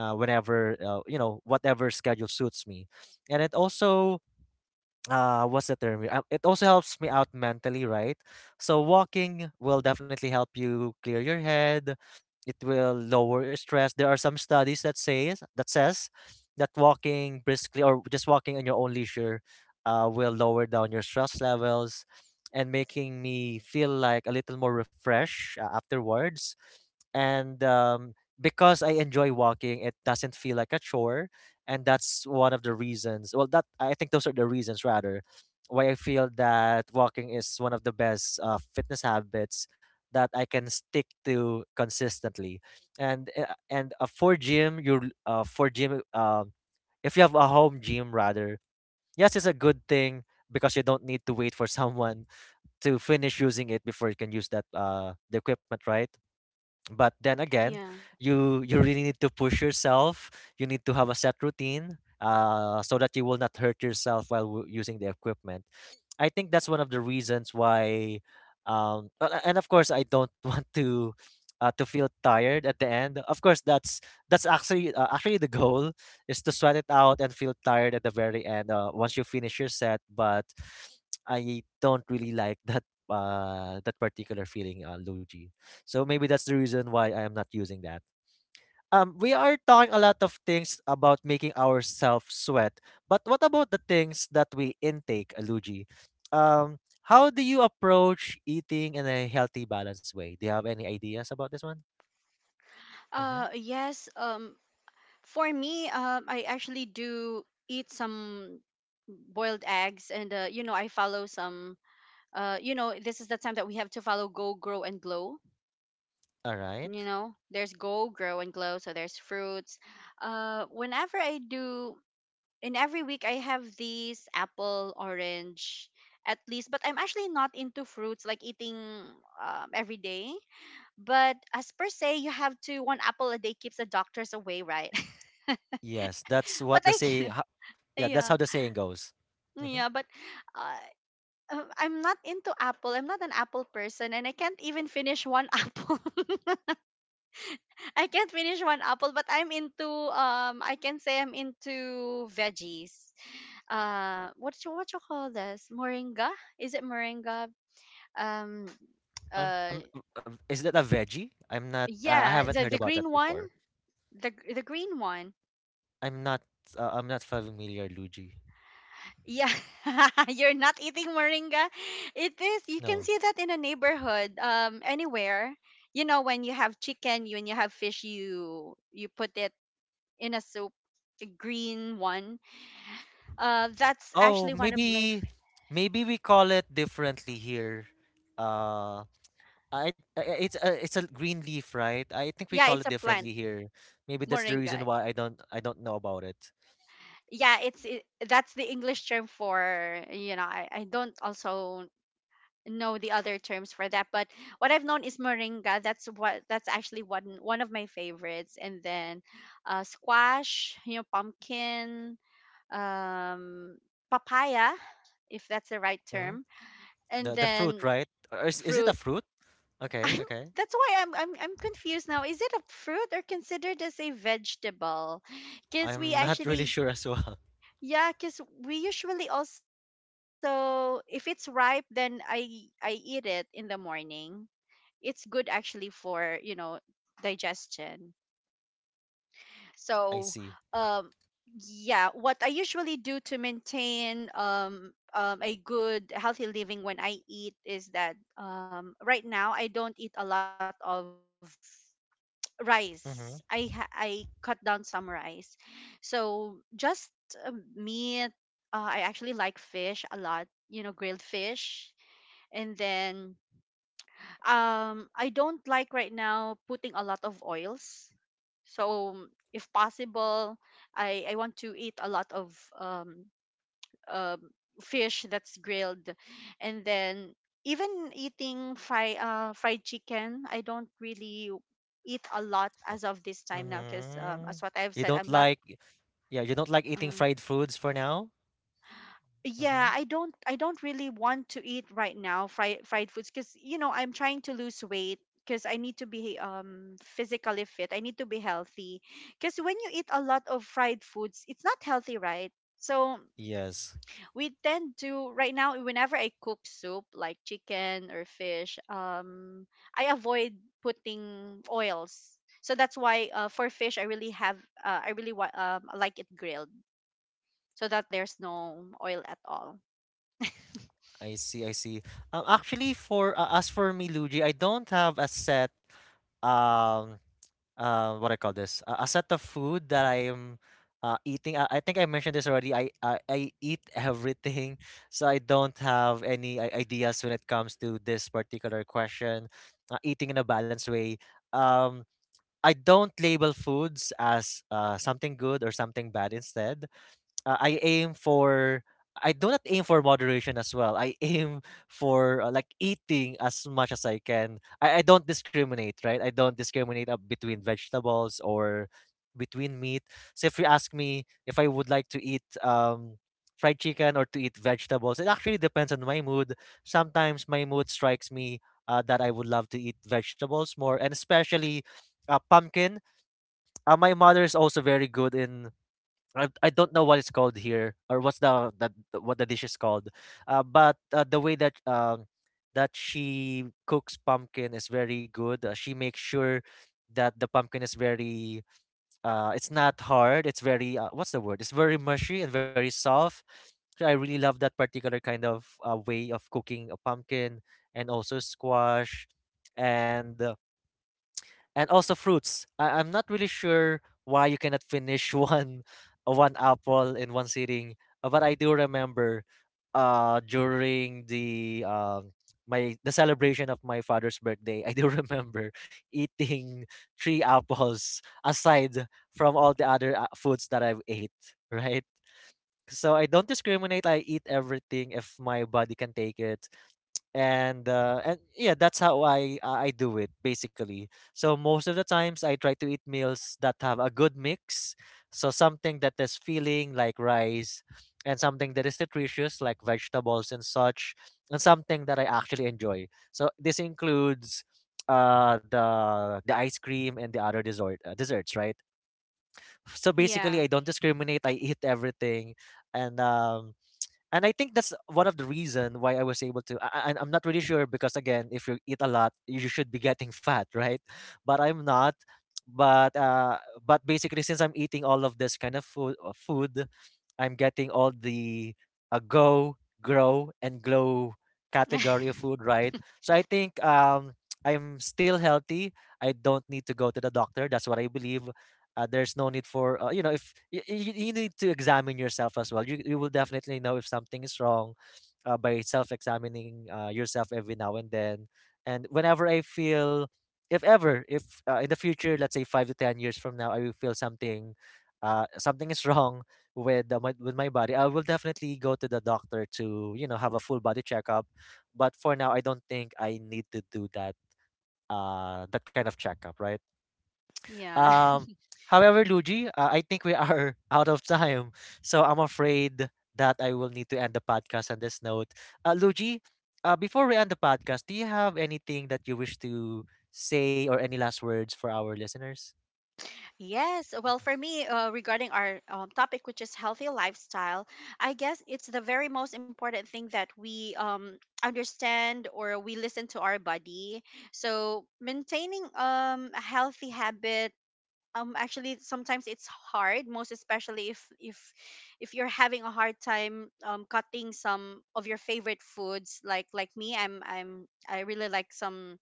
Speaker 1: whenever, whatever schedule suits me. And it also, what's the term here? It also helps me out mentally, right? So walking will definitely help you clear your head, it will lower your stress. There are some studies that says that walking briskly or just walking in your own leisure will lower down your stress levels, and making me feel like a little more refreshed afterwards. And because I enjoy walking, it doesn't feel like a chore, and that's one of the reasons. Well, that, I think those are the reasons rather why I feel that walking is one of the best fitness habits that I can stick to consistently. And for gym you for gym, if you have a home gym rather, yes, it's a good thing, because you don't need to wait for someone to finish using it before you can use that the equipment, right? But then again,
Speaker 2: Yeah.
Speaker 1: you really need to push yourself. You need to have a set routine, so that you will not hurt yourself while using the equipment. I think that's one of the reasons why, and of course I don't want to feel tired at the end. Of course that's actually the goal is to sweat it out and feel tired at the very end once you finish your set, but I don't really like that that particular feeling, Luigi. So maybe that's the reason why I am not using that. We are talking a lot of things about making ourselves sweat, but what about the things that we intake, Aluji? Um, how do you approach eating in a healthy, balanced way? Do you have any ideas about this one?
Speaker 2: Uh,
Speaker 1: Mm-hmm.
Speaker 2: yes, for me, I actually do eat some boiled eggs, and you know, I follow some, you know, this is the time that we have to follow go, grow and glow.
Speaker 1: All right.
Speaker 2: You know, there's go, grow and glow, so there's fruits. Whenever I do, in every week, I have these apple, orange, at least, but I'm actually not into fruits like eating every day. But as per se, you have to, one apple a day keeps the doctors away, right?
Speaker 1: Yes, that's
Speaker 2: But
Speaker 1: what the
Speaker 2: I
Speaker 1: say.
Speaker 2: can
Speaker 1: Yeah, that's
Speaker 2: yeah,
Speaker 1: how the saying goes. Mm-hmm.
Speaker 2: yeah. But uh, I'm not into apple. I'm not an apple person, and I can't even finish one apple. I can't finish one apple. But I'm into I can say I'm into veggies. What you call this? Moringa? Is it moringa? Um,
Speaker 1: I'm,
Speaker 2: uh,
Speaker 1: I'm, is that a veggie? I'm not. I
Speaker 2: yeah,
Speaker 1: haven't
Speaker 2: the
Speaker 1: heard about that
Speaker 2: green one.
Speaker 1: before.
Speaker 2: The the green one.
Speaker 1: I'm not. I'm not familiar, Luigi.
Speaker 2: Yeah, you're not eating moringa. It is. You can
Speaker 1: No.
Speaker 2: see that in a neighborhood, anywhere. You know, when you have chicken, when you have fish, you put it in a soup, a green one. That's
Speaker 1: Oh,
Speaker 2: actually one of my.
Speaker 1: maybe
Speaker 2: F-
Speaker 1: maybe we call it differently here. Uh, I, it's a green leaf, right? I think we
Speaker 2: Yeah,
Speaker 1: call
Speaker 2: it's
Speaker 1: it
Speaker 2: a plant,
Speaker 1: differently here. Maybe that's the reason
Speaker 2: moringa.
Speaker 1: why I don't know about it.
Speaker 2: Yeah, it's that's the English term for. I don't also know the other terms for that, but what I've known is moringa. That's what that's actually one of my favorites. And then squash, you know, pumpkin, um, papaya, if that's the right
Speaker 1: hmm
Speaker 2: term, and
Speaker 1: The fruit,
Speaker 2: then
Speaker 1: right? Or is it a
Speaker 2: fruit.
Speaker 1: fruit? Okay,
Speaker 2: I'm
Speaker 1: okay.
Speaker 2: that's why I'm confused now. Is it a fruit or considered as a vegetable? Because we
Speaker 1: I'm not really
Speaker 2: actually
Speaker 1: sure as well.
Speaker 2: yeah, because we usually also if it's ripe, then I eat it in the morning. It's good actually for you know digestion, so
Speaker 1: I see.
Speaker 2: um yeah, what I usually do to maintain a good healthy living when I eat is that right now I don't eat a lot of rice.
Speaker 1: Mm-hmm.
Speaker 2: I cut down some rice, so just meat. I actually like fish a lot, you know, grilled fish. And then I don't like right now putting a lot of oils. So if possible, I want to eat a lot of um um fish that's grilled, and then even eating fry fried chicken. I don't really eat a lot as of this time now because
Speaker 1: Mm-hmm.
Speaker 2: as what I've
Speaker 1: You
Speaker 2: said,
Speaker 1: don't
Speaker 2: I'm not.
Speaker 1: like, yeah, you don't like eating
Speaker 2: Mm,
Speaker 1: fried foods for now? Mm-hmm.
Speaker 2: Yeah, I don't really want to eat right now fried foods because you know I'm trying to lose weight because I need to be physically fit. I need to be healthy because when you eat a lot of fried foods, it's not healthy, right? So
Speaker 1: Yes.
Speaker 2: we tend to right now whenever I cook soup like chicken or fish, I avoid putting oils. So that's why for fish I really have I really like it grilled so that there's no oil at all.
Speaker 1: I see, I see. Actually, for as for me, Luigi, I don't have a set um what I call this, a set of food that I am eating. I think I mentioned this already. I eat everything, so I don't have any ideas when it comes to this particular question. Eating in a balanced way. Um, I don't label foods as something good or something bad. Instead, I aim for, I do not aim for moderation as well. I aim for, like, eating as much as I can. I don't discriminate, right? I don't discriminate up between vegetables or between meat. So if you ask me if I would like to eat fried chicken or to eat vegetables, it actually depends on my mood. Sometimes my mood strikes me that I would love to eat vegetables more, and especially pumpkin. My mother is also very good in, I don't know what it's called here or what's what the dish is called, but the way that that she cooks pumpkin is very good. She makes sure that the pumpkin is very, it's not hard, it's very, what's the word, it's very mushy and very soft. So I really love that particular kind of way of cooking a pumpkin, and also squash. And also fruits. I'm not really sure why you cannot finish one one apple in one sitting, but I do remember during the my the celebration of my father's birthday, I do remember eating 3 apples aside from all the other foods that I've ate, right? So I don't discriminate. I eat everything if my body can take it. And yeah, that's how I I do it basically. So most of the times I try to eat meals that have a good mix, so something that is feeling like rice, and something that is nutritious like vegetables and such, and something that I actually enjoy. So this includes the ice cream and the other desserts, right? So basically,
Speaker 2: Yeah,
Speaker 1: I don't discriminate, I eat everything. And and I think that's one of the reason why I was able to. I'm not really sure because again, if you eat a lot, you should be getting fat, right? But I'm not. But uh, but basically, since I'm eating all of this kind of food, I'm getting all the go, grow, and glow category of food, right? So I think, I'm still healthy. I don't need to go to the doctor. That's what I believe. There's no need for, if you, you need to examine yourself as well, you will definitely know if something is wrong by self-examining yourself every now and then. And whenever I feel, if ever, if in the future, let's say 5 to 10 years from now, I will feel something, something is wrong with with my body, I will definitely go to the doctor to, you know, have a full body checkup. But for now, I don't think I need to do that that kind of checkup, right?
Speaker 2: yeah.
Speaker 1: um, However, Luigi, I think we are out of time, so I'm afraid that I will need to end the podcast on this note. Luigi, before we end the podcast, do you have anything that you wish to say or any last words for our listeners?
Speaker 2: Yes.
Speaker 1: Yes,
Speaker 2: Well, for
Speaker 1: yes.
Speaker 2: me, regarding our topic, which is healthy lifestyle, I guess it's the very most important thing that we understand or we listen to our body. So, maintaining a healthy habit actually sometimes it's hard, most especially if you're having a hard time cutting some of your favorite foods, like me. I'm I really like some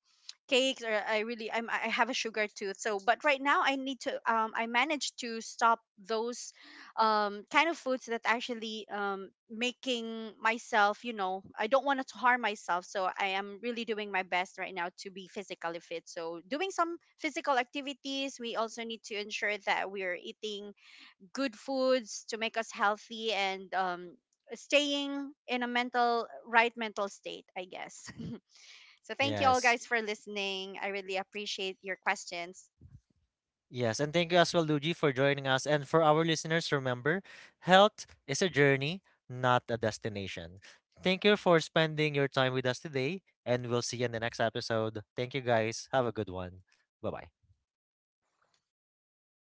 Speaker 2: cakes, or I really I'm I have a sugar tooth. So but right now I need to I managed to stop those kind of foods that actually making myself, you know, I don't want to harm myself. So I am really doing my best right now to be physically fit, so doing some physical activities. We also need to ensure that we are eating good foods to make us healthy, and staying in a mental right mental state, I guess. So thank you all
Speaker 1: Yes.
Speaker 2: guys for listening. I really appreciate your questions.
Speaker 1: Yes, and thank you as well, Luigi, for joining us. And for our listeners, remember, health is a journey, not a destination. Thank you for spending your time with us today, and we'll see you in the next episode. Thank you, guys. Have a good one. Bye bye.